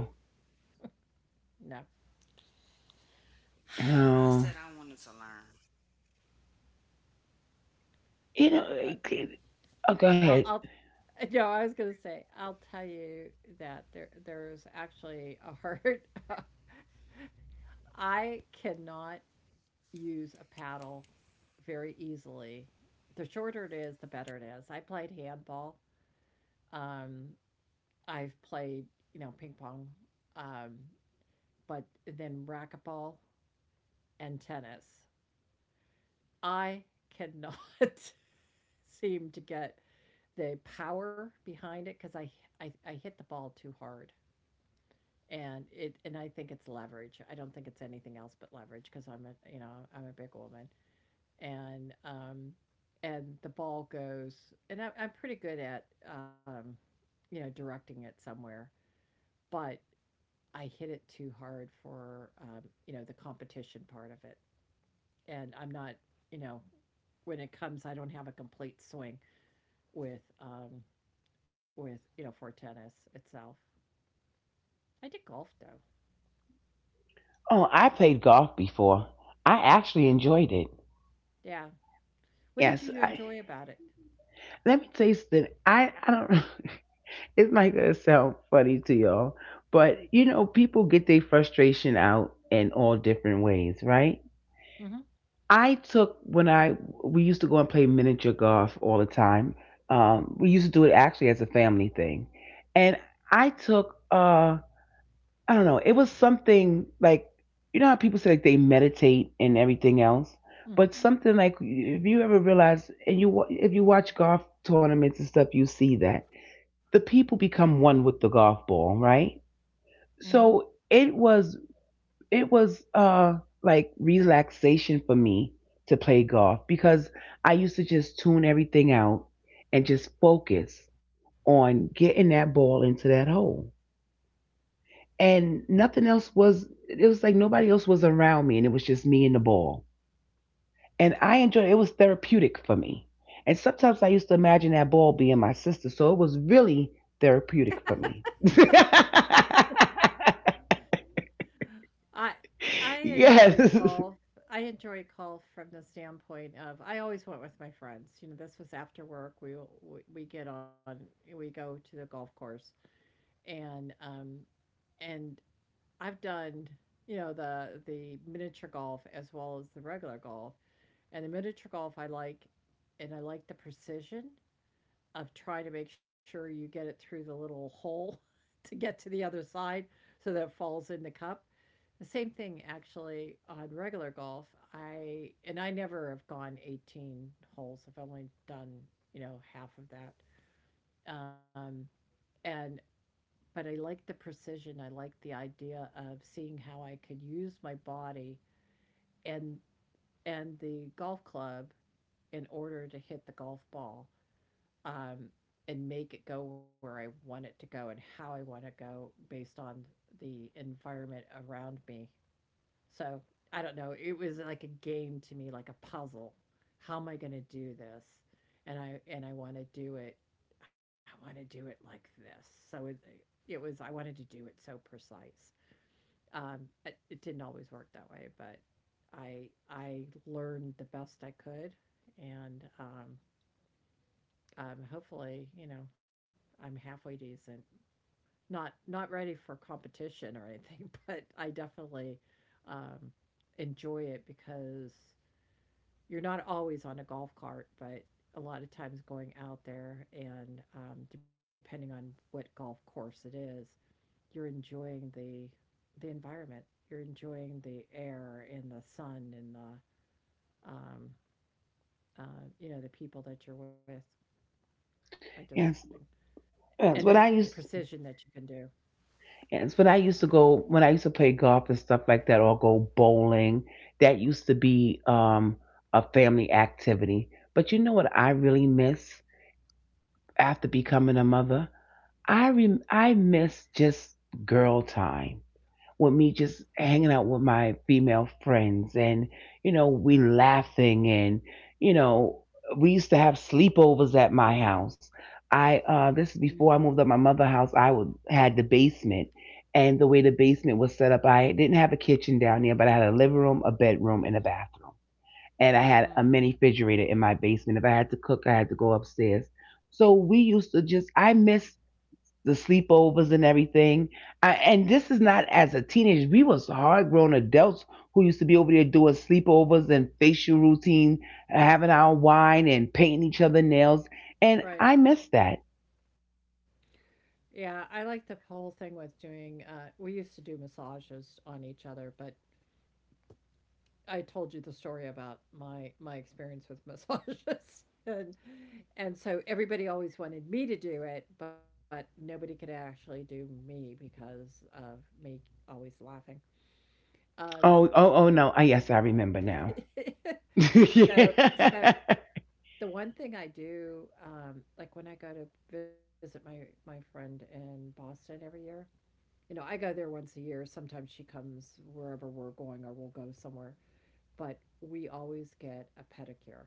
[SPEAKER 3] no.
[SPEAKER 2] I said I
[SPEAKER 1] Oh,
[SPEAKER 2] wanted to learn.
[SPEAKER 1] you know.
[SPEAKER 3] I,
[SPEAKER 1] Eh, eh, oh, go
[SPEAKER 3] I'll,
[SPEAKER 1] ahead.
[SPEAKER 3] I'll. No, I was gonna say I'll tell you that there's actually a hurt. I cannot use a paddle very easily. The shorter it is, the better it is. I played handball. Um, I've played, you know, ping pong, um, but then racquetball and tennis. I cannot seem to get the power behind it because I hit the ball too hard, and it and I think it's leverage. I don't think it's anything else but leverage because I'm a you know I'm a big woman, and um, and the ball goes. I'm pretty good at you know directing it somewhere, but I hit it too hard for you know the competition part of it, and I'm not you know when it comes, I don't have a complete swing with um, with you know for tennis itself. I did golf though.
[SPEAKER 1] Oh, I played golf before. I actually enjoyed it.
[SPEAKER 3] Yeah. What did
[SPEAKER 1] Yes,
[SPEAKER 3] you
[SPEAKER 1] I,
[SPEAKER 3] enjoy about it?
[SPEAKER 1] let me tell you something. I don't. It's not gonna sound funny to y'all, but you know, people get their frustration out in all different ways, right?
[SPEAKER 3] Mm-hmm.
[SPEAKER 1] I took when I, we used to go and play miniature golf all the time. We used to do it actually as a family thing, and I took I don't know. It was something like, you know how people say like they meditate and everything else, but
[SPEAKER 3] Mm-hmm.
[SPEAKER 1] something like, if you ever realize and if you watch golf tournaments and stuff, you see that the people become one with the golf ball, right?
[SPEAKER 3] Mm-hmm.
[SPEAKER 1] So it was, it was like relaxation for me to play golf, because I used to just tune everything out and just focus on getting that ball into that hole. And nothing else was, it was like nobody else was around me and it was just me and the ball, and I enjoyed it. It was therapeutic for me, and sometimes I used to imagine that ball being my sister, so it was really therapeutic for me.
[SPEAKER 3] I I enjoy
[SPEAKER 1] Yes.
[SPEAKER 3] golf. I enjoy golf from the standpoint of I always went with my friends. You know, this was after work. We get on we go to the golf course and um and I've done, you know, the miniature golf as well as the regular golf. And the miniature golf I like, and I like the precision of trying to make sure you get it through the little hole to get to the other side so that it falls in the cup. The same thing actually on regular golf. I and I never have gone 18 holes. I've only done, you know, half of that. Um, and but I like the precision. I like the idea of seeing how I could use my body and and the golf club in order to hit the golf ball um, and make it go where I want it to go and how I want to go based on the environment around me. So I don't know. It was like a game to me, like a puzzle. How am I going to do this? And I want to do it. I want to do it like this. So it was. I wanted to do it so precise. Um, it, it didn't always work that way, but I learned the best I could, and hopefully, you know, I'm halfway decent, not not ready for competition or anything, but I definitely um, enjoy it because you're not always on a golf cart, but a lot of times going out there and depending on what golf course it is, you're enjoying the environment. You're enjoying the air and the sun and the um, you know the people that you're with. I just
[SPEAKER 1] Yes.
[SPEAKER 3] and the
[SPEAKER 1] yes when i
[SPEAKER 3] precision that you
[SPEAKER 1] used
[SPEAKER 3] can do.
[SPEAKER 1] yes, when I used to go, when I used to play golf and stuff like that, or go bowling, that used to be a family activity. But you know what I really miss after becoming a mother? I miss just girl time, with me just hanging out with my female friends and, you know, we laughing and, you know, we used to have sleepovers at my house. I This is
[SPEAKER 3] Mhm.
[SPEAKER 1] before I moved up my mother's house. I would had the basement, and the way the basement was set up, I didn't have a kitchen down there, but I had a living room, a bedroom, and a bathroom. And I had a mini refrigerator in my basement. If I had to cook, I had to go upstairs. So we used to just, I miss the sleepovers and everything. I, and this is not as a teenager. We was hard grown adults who used to be over there doing sleepovers and facial routine, having our wine and painting each other nails. And
[SPEAKER 3] Right.
[SPEAKER 1] I miss that.
[SPEAKER 3] Yeah, I like the whole thing with doing, we used to do massages on each other, but I told you the story about my experience with massages. And so everybody always wanted me to do it, but nobody could actually do me because of me always laughing. Um,
[SPEAKER 1] Oh, oh, oh no. I, yes, I remember now.
[SPEAKER 3] so so
[SPEAKER 1] Yeah.
[SPEAKER 3] the one thing I do, like when I go to visit my friend in Boston every year, you know, I go there once a year. Sometimes she comes wherever we're going or we'll go somewhere, but we always get a pedicure.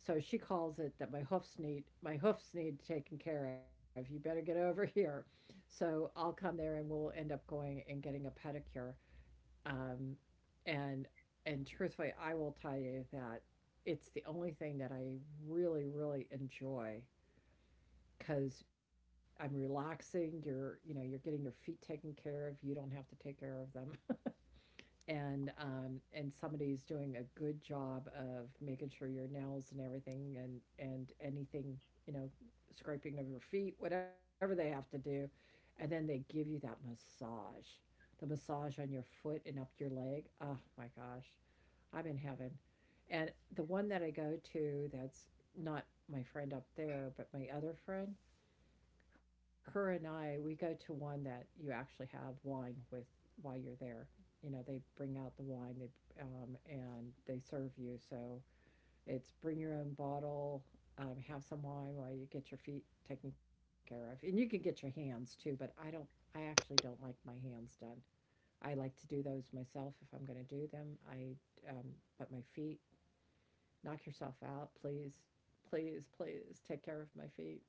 [SPEAKER 3] So she calls it that my hoofs need taken care of. You better get over here. So I'll come there and we'll end up going and getting a pedicure. Um, and and truthfully, I will tell you that it's the only thing that I really really enjoy because I'm relaxing. You're, you know, you're getting your feet taken care of. You don't have to take care of them. And somebody's doing a good job of making sure your nails and everything and anything, you know, scraping of your feet, whatever they have to do, and then they give you that massage, the massage on your foot and up your leg. Oh my gosh, I'm in heaven. And the one that I go to, that's not my friend up there, but my other friend her and I, we go to one that you actually have wine with while you're there. You know, they bring out the wine, they and they serve you. So it's bring your own bottle, have some wine while you get your feet taken care of, and you can get your hands too. But I don't, I actually don't like my hands done. I like to do those myself if I'm going to do them. Um, but my feet, knock yourself out. Please, please take care of my feet.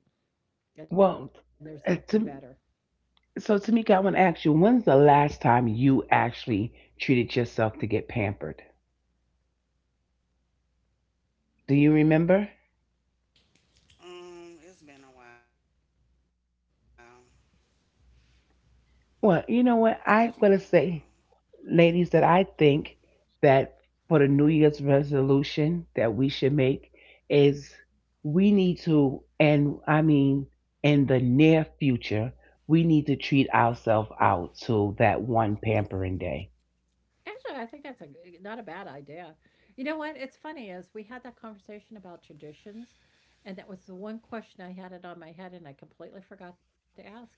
[SPEAKER 3] And there's
[SPEAKER 1] Well,
[SPEAKER 3] nothing better.
[SPEAKER 1] to, so, Tamika, I want to ask you, when's the last time you actually treated yourself to get pampered? Do you remember?
[SPEAKER 2] It's been a while.
[SPEAKER 1] Well,
[SPEAKER 2] It's
[SPEAKER 1] you
[SPEAKER 2] been
[SPEAKER 1] know
[SPEAKER 2] a
[SPEAKER 1] what?
[SPEAKER 2] while.
[SPEAKER 1] I want to say, ladies, that I think that for the New Year's resolution that we should make is, we need to, and I mean, in the near future, we need to treat ourselves out to that one pampering day.
[SPEAKER 3] Actually, I think that's not a bad idea. You know what? It's funny is we had that conversation about traditions, and that was the one question I had it on my head, and I completely forgot to ask is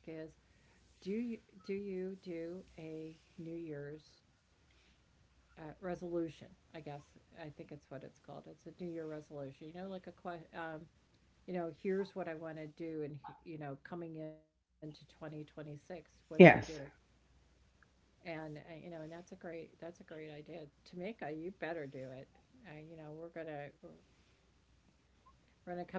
[SPEAKER 3] do you do you do a New Year's resolution? I guess I think it's what it's called. It's a New Year resolution. You know, like a que- you know, here's what I want to do, and you know, coming into 2026, what do I do?
[SPEAKER 1] Yes.
[SPEAKER 3] And You know, and that's a great idea. Tamika, you better do it. You know, we're gonna we're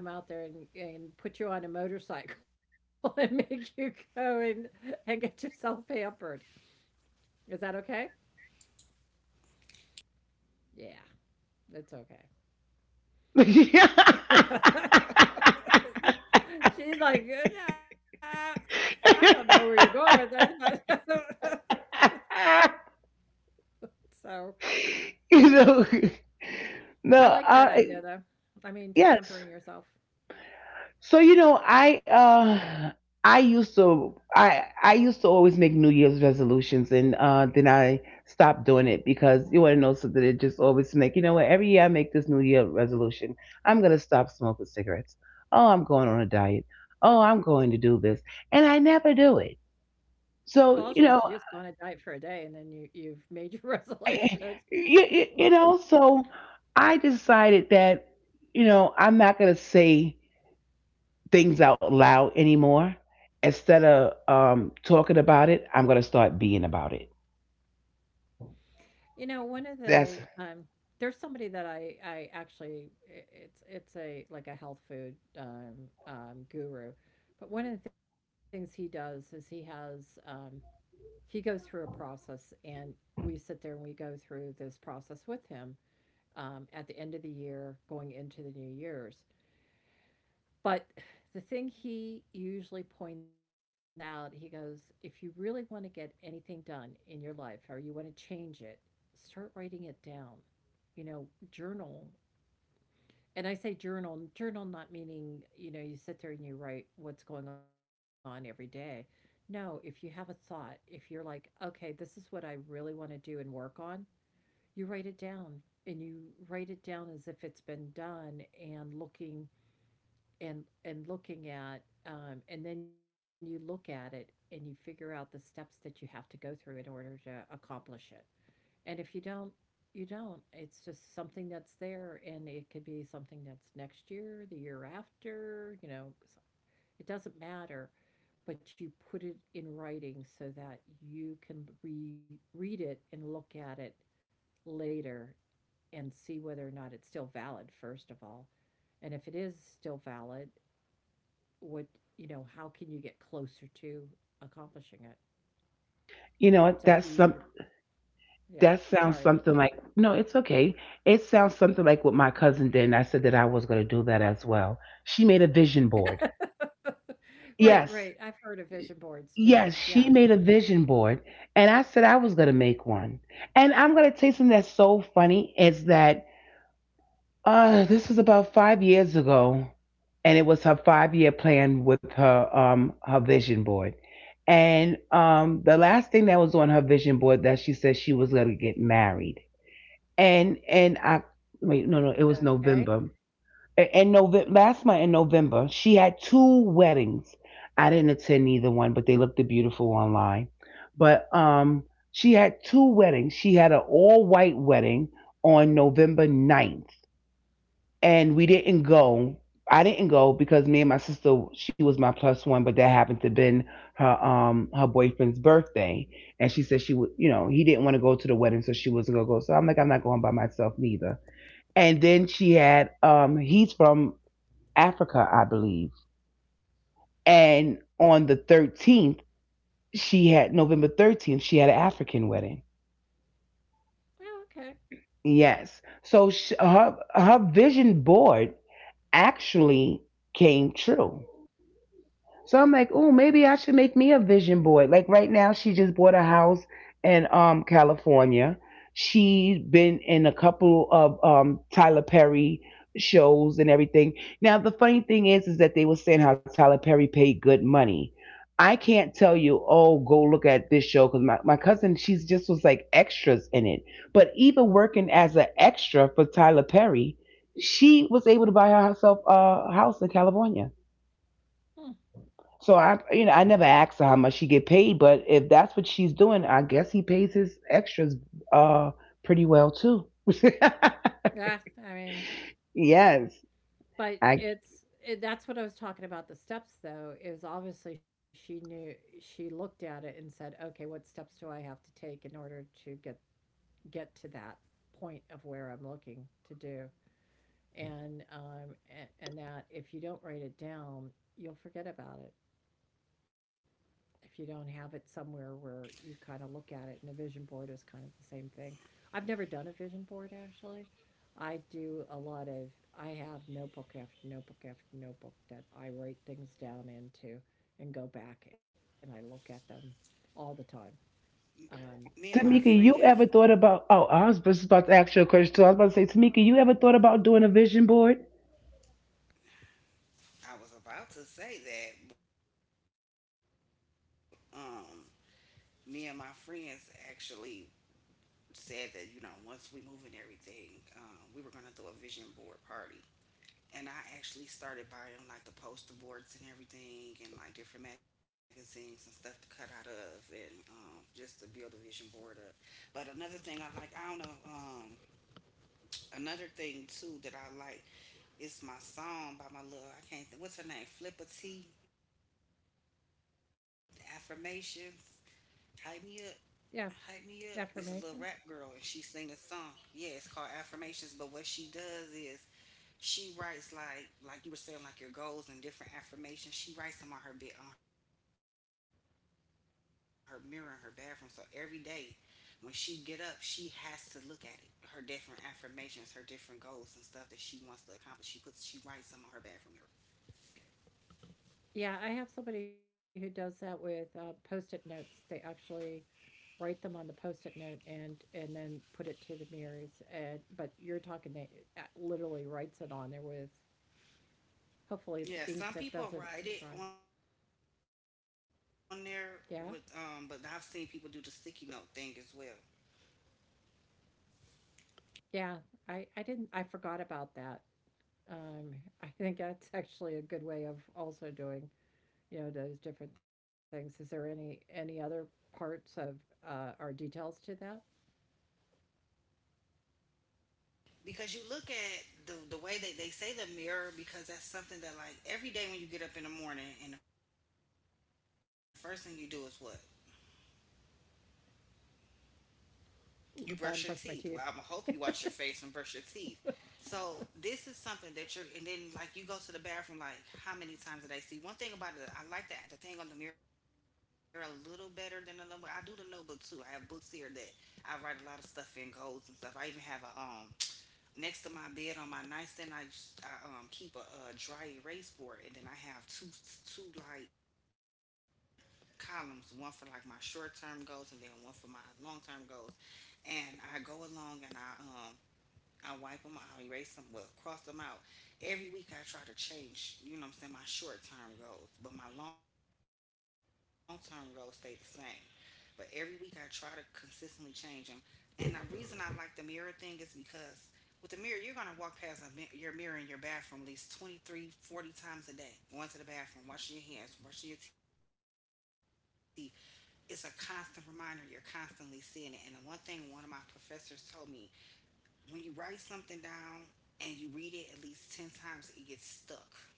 [SPEAKER 3] gonna come out there and put you on a motorcycle and make you go and get yourself pampered. Is that okay? Yeah, it's okay. She's like, I don't know where you're going with this, but." So
[SPEAKER 1] You know, no,
[SPEAKER 3] I like that
[SPEAKER 1] I,
[SPEAKER 3] idea though. I mean, to pampering
[SPEAKER 1] yes.
[SPEAKER 3] yourself.
[SPEAKER 1] So you know, I used to, I used to always make New Year's resolutions, and then I stopped doing it because, you want to know something? It just always like, you know what? Every year I make this New Year resolution. I'm gonna stop smoking cigarettes. Oh, I'm going on a diet. Oh, I'm going to do this, and I never do it.
[SPEAKER 3] Well, all you have to do
[SPEAKER 1] So
[SPEAKER 3] is go
[SPEAKER 1] you
[SPEAKER 3] on
[SPEAKER 1] know,
[SPEAKER 3] a diet for a day and then you've made your resolution.
[SPEAKER 1] I, you know, so I decided that, you know, I'm not going to say things out loud anymore. Instead of talking about it, I'm going to start being about it.
[SPEAKER 3] You know, one of the
[SPEAKER 1] That's,
[SPEAKER 3] There's somebody that I actually it's a like a health food guru. But one of the things he does is he goes through a process, and we sit there and we go through this process with him at the end of the year going into the new year's. But the thing he usually points out, he goes, if you really want to get anything done in your life or you want to change it, start writing it down. You know, journal. And I say journal, journal not meaning, you know, you sit there and you write what's going on every day. No, if you have a thought, if you're like, okay, this is what I really want to do and work on, you write it down, and you write it down as if it's been done, and then you look at it and you figure out the steps that you have to go through in order to accomplish it. And if you don't, it's just something that's there, and it could be something that's next year, the year after, you know. So it doesn't matter, but you put it in writing so that you can read it and look at it later and see whether or not it's still valid, first of all. And if it is still valid, what, you know, how can you get closer to accomplishing it?
[SPEAKER 1] you
[SPEAKER 3] So if
[SPEAKER 1] know,
[SPEAKER 3] you,
[SPEAKER 1] that's some,
[SPEAKER 3] yeah,
[SPEAKER 1] that
[SPEAKER 3] sorry.
[SPEAKER 1] sounds something like, no, it's okay. It sounds something like what my cousin did, and I said that I was going to do that as well. She made a vision board.
[SPEAKER 3] Right, right, I've
[SPEAKER 1] Yes,
[SPEAKER 3] heard of vision boards too.
[SPEAKER 1] Yes,
[SPEAKER 3] Yeah.
[SPEAKER 1] she made a vision board, and I said I was gonna make one. And I'm gonna tell you something that's so funny is that, this was about 5 years ago, and it was her 5 year plan with her her vision board. And the last thing that was on her vision board that she said, she was gonna get married. And I, wait, no, no, it was
[SPEAKER 3] Okay.
[SPEAKER 1] November, in November, last month, in November, she had two weddings. I didn't attend either one, but they looked beautiful online. But she had two weddings. She had an all white wedding on November 9th, and we didn't go. I didn't go because me and my sister, she was my plus one, but that happened to been her her boyfriend's birthday. And she said she would, you know, he didn't want to go to the wedding, so she wasn't gonna go. So I'm like, I'm not going by myself neither. And then she had he's from Africa, I believe. And on the 13th, she had November 13th, she had an African wedding.
[SPEAKER 3] Oh, okay.
[SPEAKER 1] Yes. So sh her, her vision board actually came true. So I'm like, oh, maybe I should make me a vision board. Like right now, she just bought a house in California. She's been in a couple of Tyler Perry shows and everything. Now the funny thing is that they were saying how Tyler Perry paid good money. I can't tell you, oh, go look at this show, because my cousin, she's just was like extras in it. But even working as an extra for Tyler Perry, she was able to buy herself a house in California.
[SPEAKER 3] Hmm.
[SPEAKER 1] So I, you know, I never asked her how much she get paid, but if that's what she's doing, I guess he pays his extras uh pretty well too.
[SPEAKER 3] Yeah. I mean,
[SPEAKER 1] Yes.
[SPEAKER 3] but
[SPEAKER 1] I,
[SPEAKER 3] that's what I was talking about, the steps though. Is obviously she knew, she looked at it and said, okay, what steps do I have to take in order to get to that point of where I'm looking to do. and um, and that if you don't write it down, you'll forget about it. If you don't have it somewhere where you kind of look at it, and a vision board is kind of the same thing. I've never done a vision board actually. I do a lot of, I have notebook after notebook after notebook that I write things down into, and go back and I look at them all the time. Um, and
[SPEAKER 1] Tamika,
[SPEAKER 2] Me and
[SPEAKER 1] you
[SPEAKER 2] my
[SPEAKER 1] ever thought
[SPEAKER 2] friends,
[SPEAKER 1] about? Oh, I was just about to ask you a question too. I was about to say, Tamika, you ever thought about doing a vision board?
[SPEAKER 2] I was about to say that, but me and my friends actually said that once we move and everything, we were gonna throw a vision board party. And I actually started buying like the poster boards and everything, and like different magazines and stuff to cut out of, and just to build the vision board up. But another thing I like, I don't know. Another thing too that I like is my song by my little I can't think what's her name, Flipper T, affirmations. Hype me up.
[SPEAKER 3] Yeah,
[SPEAKER 2] Hype Me Up is a little
[SPEAKER 3] affirmations.
[SPEAKER 2] rap girl and she sing this song. Yeah, it's called Affirmations, but what she does is she writes like you were saying, like your goals and different affirmations. She writes them on her bed on her mirror in her bathroom. So every day when she get up, she has to look at it. Her different affirmations, her different goals and stuff that she wants to accomplish. She writes them on her bathroom mirror.
[SPEAKER 3] Yeah, I have somebody who does that with post-it notes. They actually write them on the post-it note and then put it to the mirrors. And but you're talking, they literally writes it on there with hopefully ink that doesn't
[SPEAKER 2] Yeah, some
[SPEAKER 3] dry.
[SPEAKER 2] people write it on there with
[SPEAKER 3] Yeah.
[SPEAKER 2] but I've seen people do the sticky note thing as well.
[SPEAKER 3] Yeah, I didn't, I forgot about that. um I think that's actually a good way of also doing, you know, those different things. Is there any other parts of or details to that?
[SPEAKER 2] Because you look at the way that they say the mirror because that's something that like every day when you get up in the morning and the first thing you do is what you brush your
[SPEAKER 3] I'm
[SPEAKER 2] teeth. Well,
[SPEAKER 3] brushing
[SPEAKER 2] I'm
[SPEAKER 3] my
[SPEAKER 2] gonna hope
[SPEAKER 3] teeth.
[SPEAKER 2] you wash your face and brush your teeth. So this is something that and then like you go to the bathroom like how many times a day? See, one thing about it, I like that the thing on the mirror a little better than the notebook. I do the notebook too. I have books here that I write a lot of stuff in goals and stuff. I even have a next to my bed on my nightstand, I keep a dry erase board, and then I have two like columns, one for like my short term goals, and then one for my long term goals. And I go along and I wipe them out, I erase them, well cross them out. Every week I try to change, you know what I'm saying, my short term goals, but my long term goals stay the same. But every week I try to consistently change them. And the reason I like the mirror thing is because with the mirror, you're gonna walk past your mirror in your bathroom at least 23, 40 times a day. Going to the bathroom, washing your hands, brushing your teeth. It's a constant reminder. You're constantly seeing it. And the one thing one of my professors told me, when you write something down and you read it at least 10 times, it gets stuck.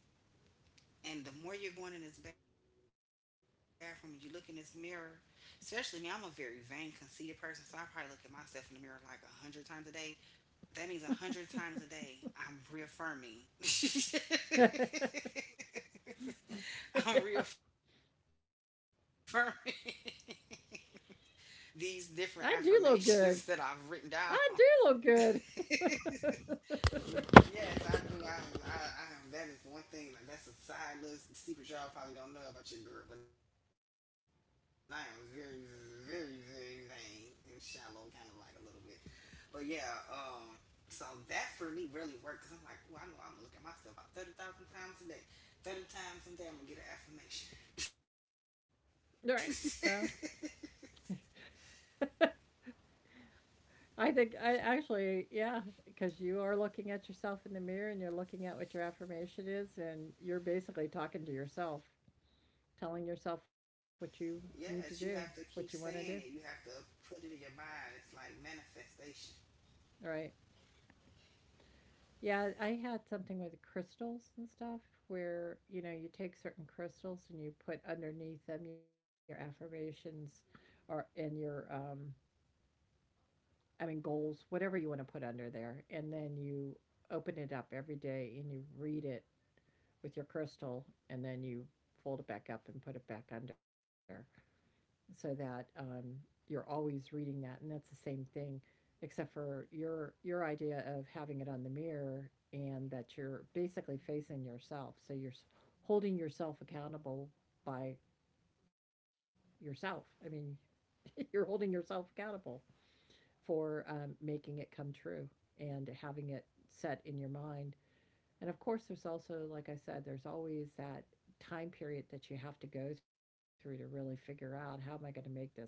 [SPEAKER 2] And the more you're going in this bathroom and you look in this mirror, especially me, I'm a very vain, conceited person. So I probably look at myself in the mirror like 100 times a day. That means 100 times a day, I'm reaffirming. I'm reaffirming these different
[SPEAKER 3] I do look
[SPEAKER 2] affirmations that
[SPEAKER 3] good.
[SPEAKER 2] I've written down.
[SPEAKER 3] I do look good. All
[SPEAKER 2] Yes, I do. I that is one thing. Like, that's a side little secret y'all probably don't know about your girl, but I am very, very, very vain and shallow, kind of like a little bit. But yeah, so that for me really worked because I'm like, well, I know I'm looking at myself about 30,000 times a day. 30 times a day, I'm going to get an affirmation.
[SPEAKER 3] right. Well, I think I actually, yeah, because you are looking at yourself in the mirror and you're looking at what your affirmation is, and you're basically talking to yourself, telling yourself what you
[SPEAKER 2] Yes, you have
[SPEAKER 3] need
[SPEAKER 2] to
[SPEAKER 3] to
[SPEAKER 2] keep
[SPEAKER 3] do,
[SPEAKER 2] saying
[SPEAKER 3] what
[SPEAKER 2] it.
[SPEAKER 3] you
[SPEAKER 2] You
[SPEAKER 3] want to
[SPEAKER 2] have to
[SPEAKER 3] do.
[SPEAKER 2] put it in your mind. It's like manifestation.
[SPEAKER 3] All right. Yeah, I had something with crystals and stuff where, you know, you take certain crystals and you put underneath them your affirmations or in your I mean, goals, whatever you want to put under there. And then you open it up every day and you read it with your crystal, and then you fold it back up and put it back under, so that you're always reading that. And that's the same thing, except for your idea of having it on the mirror and that you're basically facing yourself. So you're holding yourself accountable by yourself. I mean, you're holding yourself accountable for making it come true and having it set in your mind. And of course, there's also, like I said, there's always that time period that you have to go through to really figure out, how am I going to make this happen?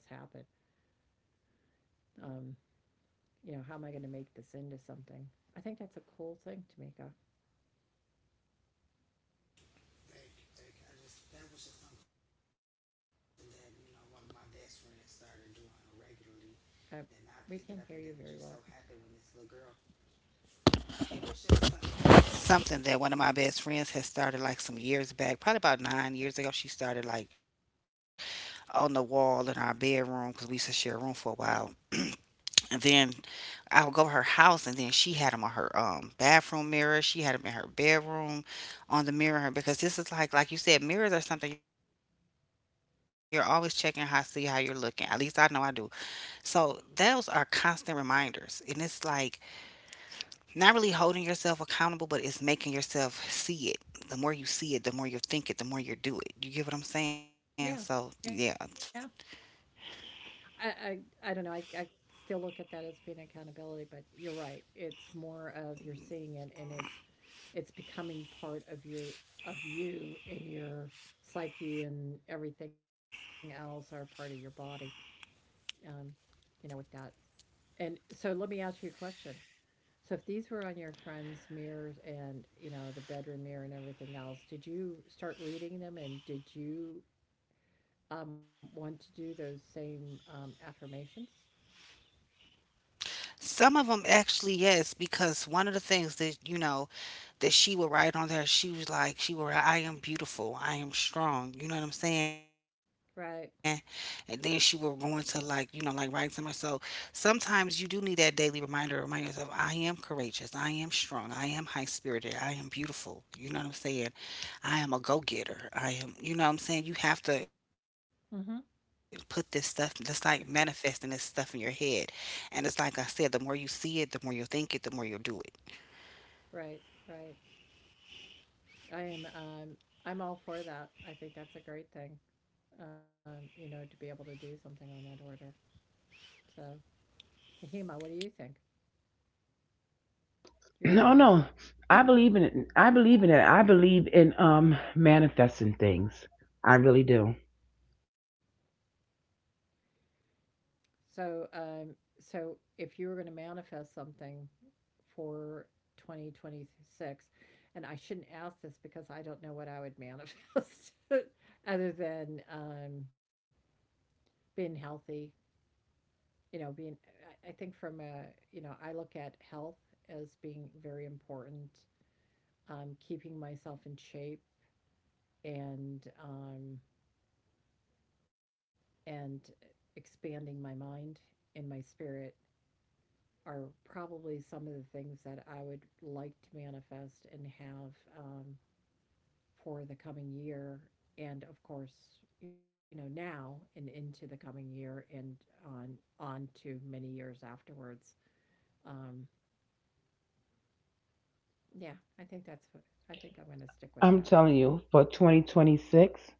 [SPEAKER 3] Um, you know, how am I going to make this into something? I think that's a cool thing, Tamika.
[SPEAKER 2] Thank you, thank you. I just, that was just something that one of my best friends started doing regularly. Then I
[SPEAKER 3] I,
[SPEAKER 2] picked it up and
[SPEAKER 3] we
[SPEAKER 2] then it
[SPEAKER 3] can
[SPEAKER 2] just
[SPEAKER 3] hear
[SPEAKER 2] so
[SPEAKER 3] you very
[SPEAKER 2] happened when
[SPEAKER 3] well.
[SPEAKER 2] this little girl something that one of my best friends had started like some years back, probably about 9 years ago. She started like on the wall in our bedroom because we used to share a room for a while. And then I would go to her house, and then she had them on her bathroom mirror. She had them in her bedroom on the mirror because this is like you said, mirrors are something you're always checking how see how you're looking. At least I know I do. So those are constant reminders, and it's like not really holding yourself accountable, but it's making yourself see it. The more you see it, the more you think it, the more you do it. You get what I'm
[SPEAKER 3] Yeah,
[SPEAKER 2] saying?
[SPEAKER 3] yeah.
[SPEAKER 2] So, yeah.
[SPEAKER 3] I, I don't know. I still look at that as being accountability, but you're right. It's more of you're seeing it, and it's becoming part of your, of you and your psyche and everything else, are part of your body, um, you know, with that. And so let me ask you a question. So if these were on your friend's mirrors, and you know, the bedroom mirror and everything else, did you start reading them, and did you want to do those same affirmations?
[SPEAKER 2] Some of them actually, yes, because one of the things that she would write on there. She was like, she would, I am beautiful, I am strong. You know what I'm
[SPEAKER 3] Right.
[SPEAKER 2] saying? And then she would go into like write somewhere. So sometimes you do need that daily reminder, to remind yourself, I am courageous, I am strong, I am high spirited, I am beautiful. You know what I'm saying? I am a go getter. I am, you know what I'm saying? You have
[SPEAKER 3] mm-hmm.
[SPEAKER 2] to put this stuff, that's like manifesting this stuff in your head. And it's like I said, the more you see it, the more you'll think it, the more you'll do it.
[SPEAKER 3] Right, right. I am um, i'm all for that. I think that's a great thing. You know, to be able to do something on that order. So, Hema, what do you think? You're on
[SPEAKER 1] No,
[SPEAKER 3] mute.
[SPEAKER 1] no. I believe in it. I believe in it. I believe in manifesting things. I really do.
[SPEAKER 3] So, so if you were going to manifest something for 2026, and I shouldn't ask this because I don't know what I would manifest other than being healthy. You know, being, I think from a, you know, I look at health as being very important, keeping myself in shape, and, um, and expanding my mind and my spirit are probably some of the things that I would like to manifest and have, um, for the coming year. And of course, you know, now and into the coming year, and on on to many years afterwards. Um, yeah, I think that's what, I think I'm going to stick with
[SPEAKER 1] I'm
[SPEAKER 3] that.
[SPEAKER 1] telling you, for 2026,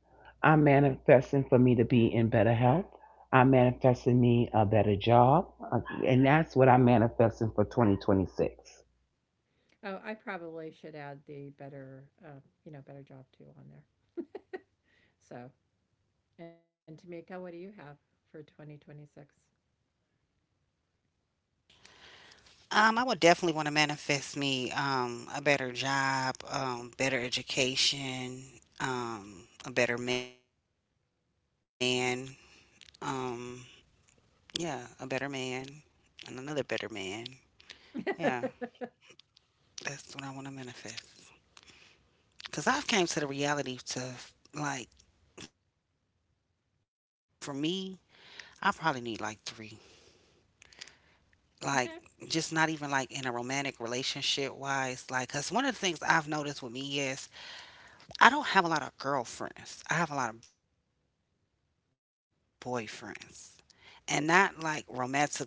[SPEAKER 1] I'm manifesting for me to be in better health. I'm manifesting me a better job. Uh, and that's what I'm manifesting for 2026.
[SPEAKER 3] Oh, I probably should add the better, you know, better job too on there. So, and Tamika, what do you have for 2026?
[SPEAKER 2] I would definitely want to manifest me a better job, better education, a better man. Um, yeah, a better man and another better man. Yeah, that's what I want to manifest. Cause I've came to the reality to like for me, I probably need like three. Like
[SPEAKER 3] Okay.
[SPEAKER 2] just not even like in a romantic relationship wise. Like, cause one of the things I've noticed with me is I don't have a lot of girlfriends. I have a lot of boyfriends. And not like romantically in a relationship. Like,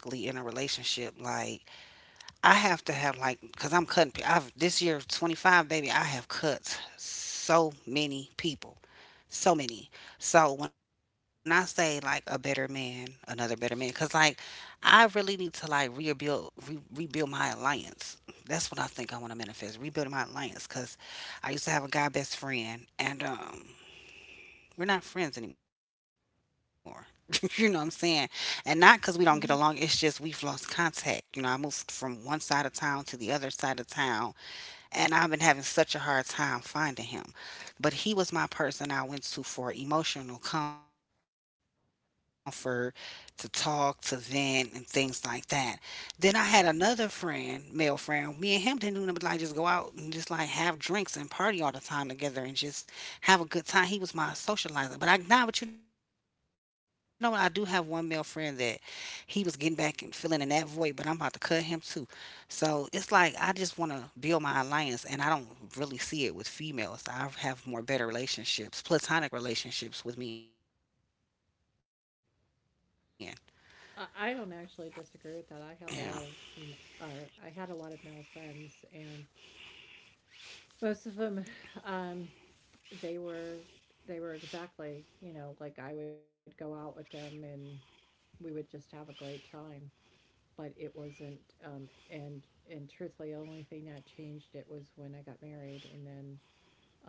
[SPEAKER 2] I have to have, like, because I'm cutting, I've, this year, 25, baby, I have cut so many people. So many. So when I say, like, a better man, another better man, because, like, I really need to, like, rebuild my alliance. That's what I think I want to manifest, rebuilding my alliance. Because I used to have a guy best friend, and we're not friends anymore. You know what I'm saying? And not because we don't get along, it's just we've
[SPEAKER 3] Mhm.
[SPEAKER 2] lost contact. You know, I moved from one side of town to the other side of town, and I've been having such a hard time finding him, but he was my person I went to for emotional comfort, to talk, to vent, and things like that. Then I had another friend, male friend. Me and him didn't do nothing but like just go out and just like have drinks and party all the time together and just have a good time. He was my socializer. But I nah, but you know what? I do have one male friend that he was getting back and filling in that void, but I'm about to cut him too. So it's like I just want to build my alliance, and I don't really see it with females. I have more better relationships, platonic relationships with men. Yeah.
[SPEAKER 3] I don't actually disagree with that. I have a lot of, m- or I had a lot of male friends, and most of them, um, they were, they were exactly, you know, like I would go out with them and we would just have a great time. But it wasn't, and truthfully, the only thing that changed it was when I got married, and then,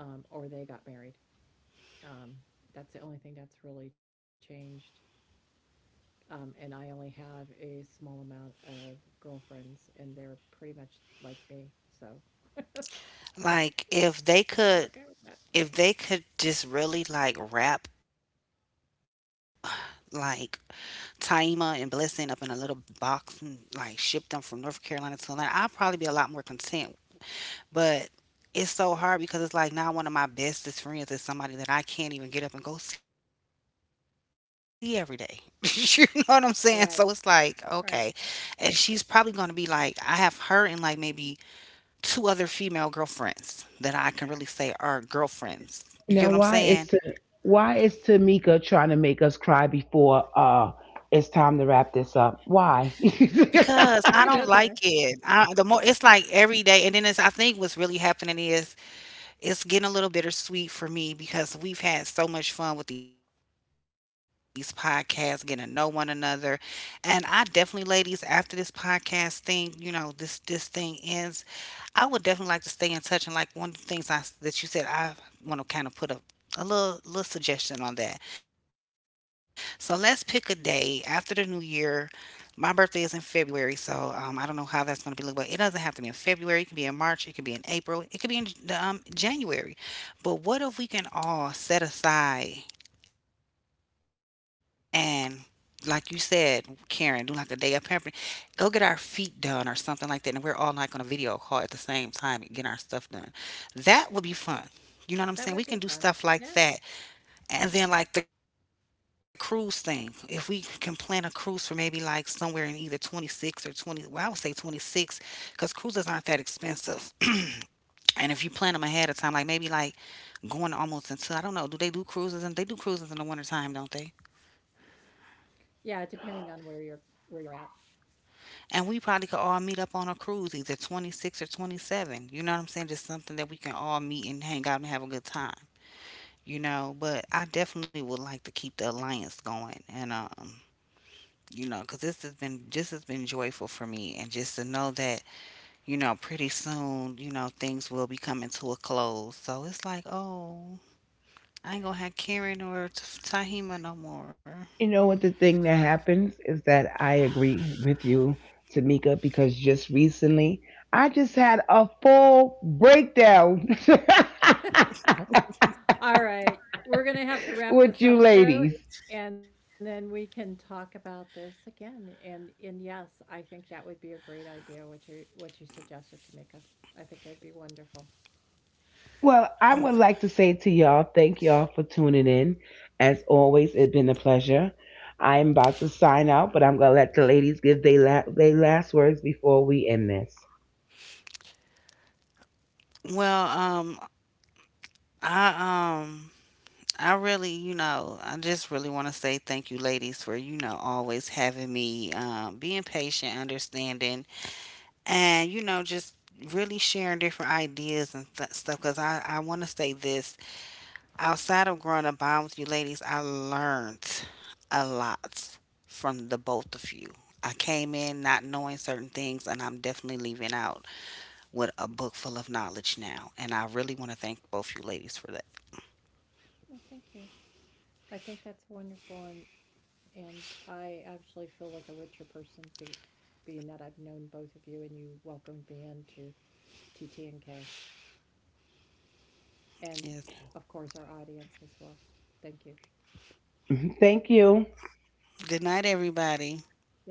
[SPEAKER 3] or they got married. Um, that's the only thing that's really changed. And I only have a small amount of girlfriends, and they're pretty much like me. So
[SPEAKER 2] Like
[SPEAKER 3] I'm okay with that.
[SPEAKER 2] if they could just really like wrap like Taima and Blessing up in a little box and like ship them from North Carolina to Atlanta, I'd probably be a lot more content. But it's so hard because it's like now one of my bestest friends is somebody that I can't even get up and go see every day. You know what I'm saying? So it's like, okay.
[SPEAKER 3] Right,
[SPEAKER 2] And she's probably
[SPEAKER 3] right.
[SPEAKER 2] going to be like, I have her and like maybe two other female girlfriends that I can really say are girlfriends. You get what I'm
[SPEAKER 1] Now, why
[SPEAKER 2] saying?
[SPEAKER 1] is to, why is Tamika trying to make us cry before it's time to wrap this up? Why?
[SPEAKER 2] Because I don't like
[SPEAKER 3] I don't
[SPEAKER 2] it.
[SPEAKER 3] know.
[SPEAKER 2] I, the more it's like every day, and then it's I think what's really happening is it's getting a little bittersweet for me because we've had so much fun with these podcasts, getting to know one another. And I definitely, ladies, after this podcast thing, you know, this thing ends, I would definitely like to stay in touch. And like one of the things I, that you said, I want to kind of put a a little suggestion on that. So let's pick a day after the new year. My birthday is in February, so I don't know how that's going to be look, but it doesn't have to be in February. It can be in March. It can be in April. It could be in the, January. But what if we can all set aside and, like you said, Karen, do like a day of pampering, go get our feet done or something like that, and we're all like on a video call at the same time and getting our stuff done. That would be fun. You know what I'm
[SPEAKER 3] That
[SPEAKER 2] saying?
[SPEAKER 3] would
[SPEAKER 2] We
[SPEAKER 3] be
[SPEAKER 2] can do
[SPEAKER 3] fun.
[SPEAKER 2] stuff like
[SPEAKER 3] Yeah.
[SPEAKER 2] that and then like the cruise thing, if we can plan a cruise for maybe like somewhere in either 26 or 20, well, I would say 26 because cruises aren't that expensive. And if you plan them ahead of time, like maybe like going almost until, I don't know, do they do cruises? And they do cruises in the wintertime, don't they?
[SPEAKER 3] Yeah, depending on where you're at.
[SPEAKER 2] And we probably could all meet up on a cruise, either 26 or 27. You know what I'm saying? Just something that we can all meet and hang out and have a good time, you know? But I definitely would like to keep the alliance going. And you know, because this has been just has been joyful for me, and just to know that you know, pretty soon, you know, things will be coming to a close. So it's like, oh, I ain't gonna have Karen or Tahima no more.
[SPEAKER 1] You know what the thing that happens is that I agree with you, Tamika, because just recently I just had a full breakdown
[SPEAKER 3] All right. We're gonna have to wrap
[SPEAKER 1] with
[SPEAKER 3] this
[SPEAKER 1] you
[SPEAKER 3] up though,
[SPEAKER 1] ladies.
[SPEAKER 3] and then we can talk about this again. And yes, I think that would be a great idea what you, what you suggested, Tamika. I think it would be wonderful.
[SPEAKER 1] Well, I
[SPEAKER 2] Um,
[SPEAKER 1] would like to say to y'all, thank y'all for tuning in. As always, it's been a pleasure. I'm about to sign out, but I'm gonna let the ladies give their they last words before we end this.
[SPEAKER 2] well, um, I um. I really, you know, I just really want to say thank you, ladies, for, you know, always having me, being patient, understanding, and, you know, just really sharing different ideas and stuff. Because I want to say this. Outside of growing a bond with you ladies, I learned a lot from the both of you. I came in not knowing certain things, and I'm definitely leaving out with a book full of knowledge now. And I really want to thank both you ladies for that.
[SPEAKER 3] Well, thank you. I think that's wonderful, and I actually feel like a richer being that I've known both of you, and you welcomed me into TTNK, and
[SPEAKER 2] Yes.
[SPEAKER 3] of course our audience as well. Thank you.
[SPEAKER 1] Thank you.
[SPEAKER 2] Good night, everybody.
[SPEAKER 3] Good night.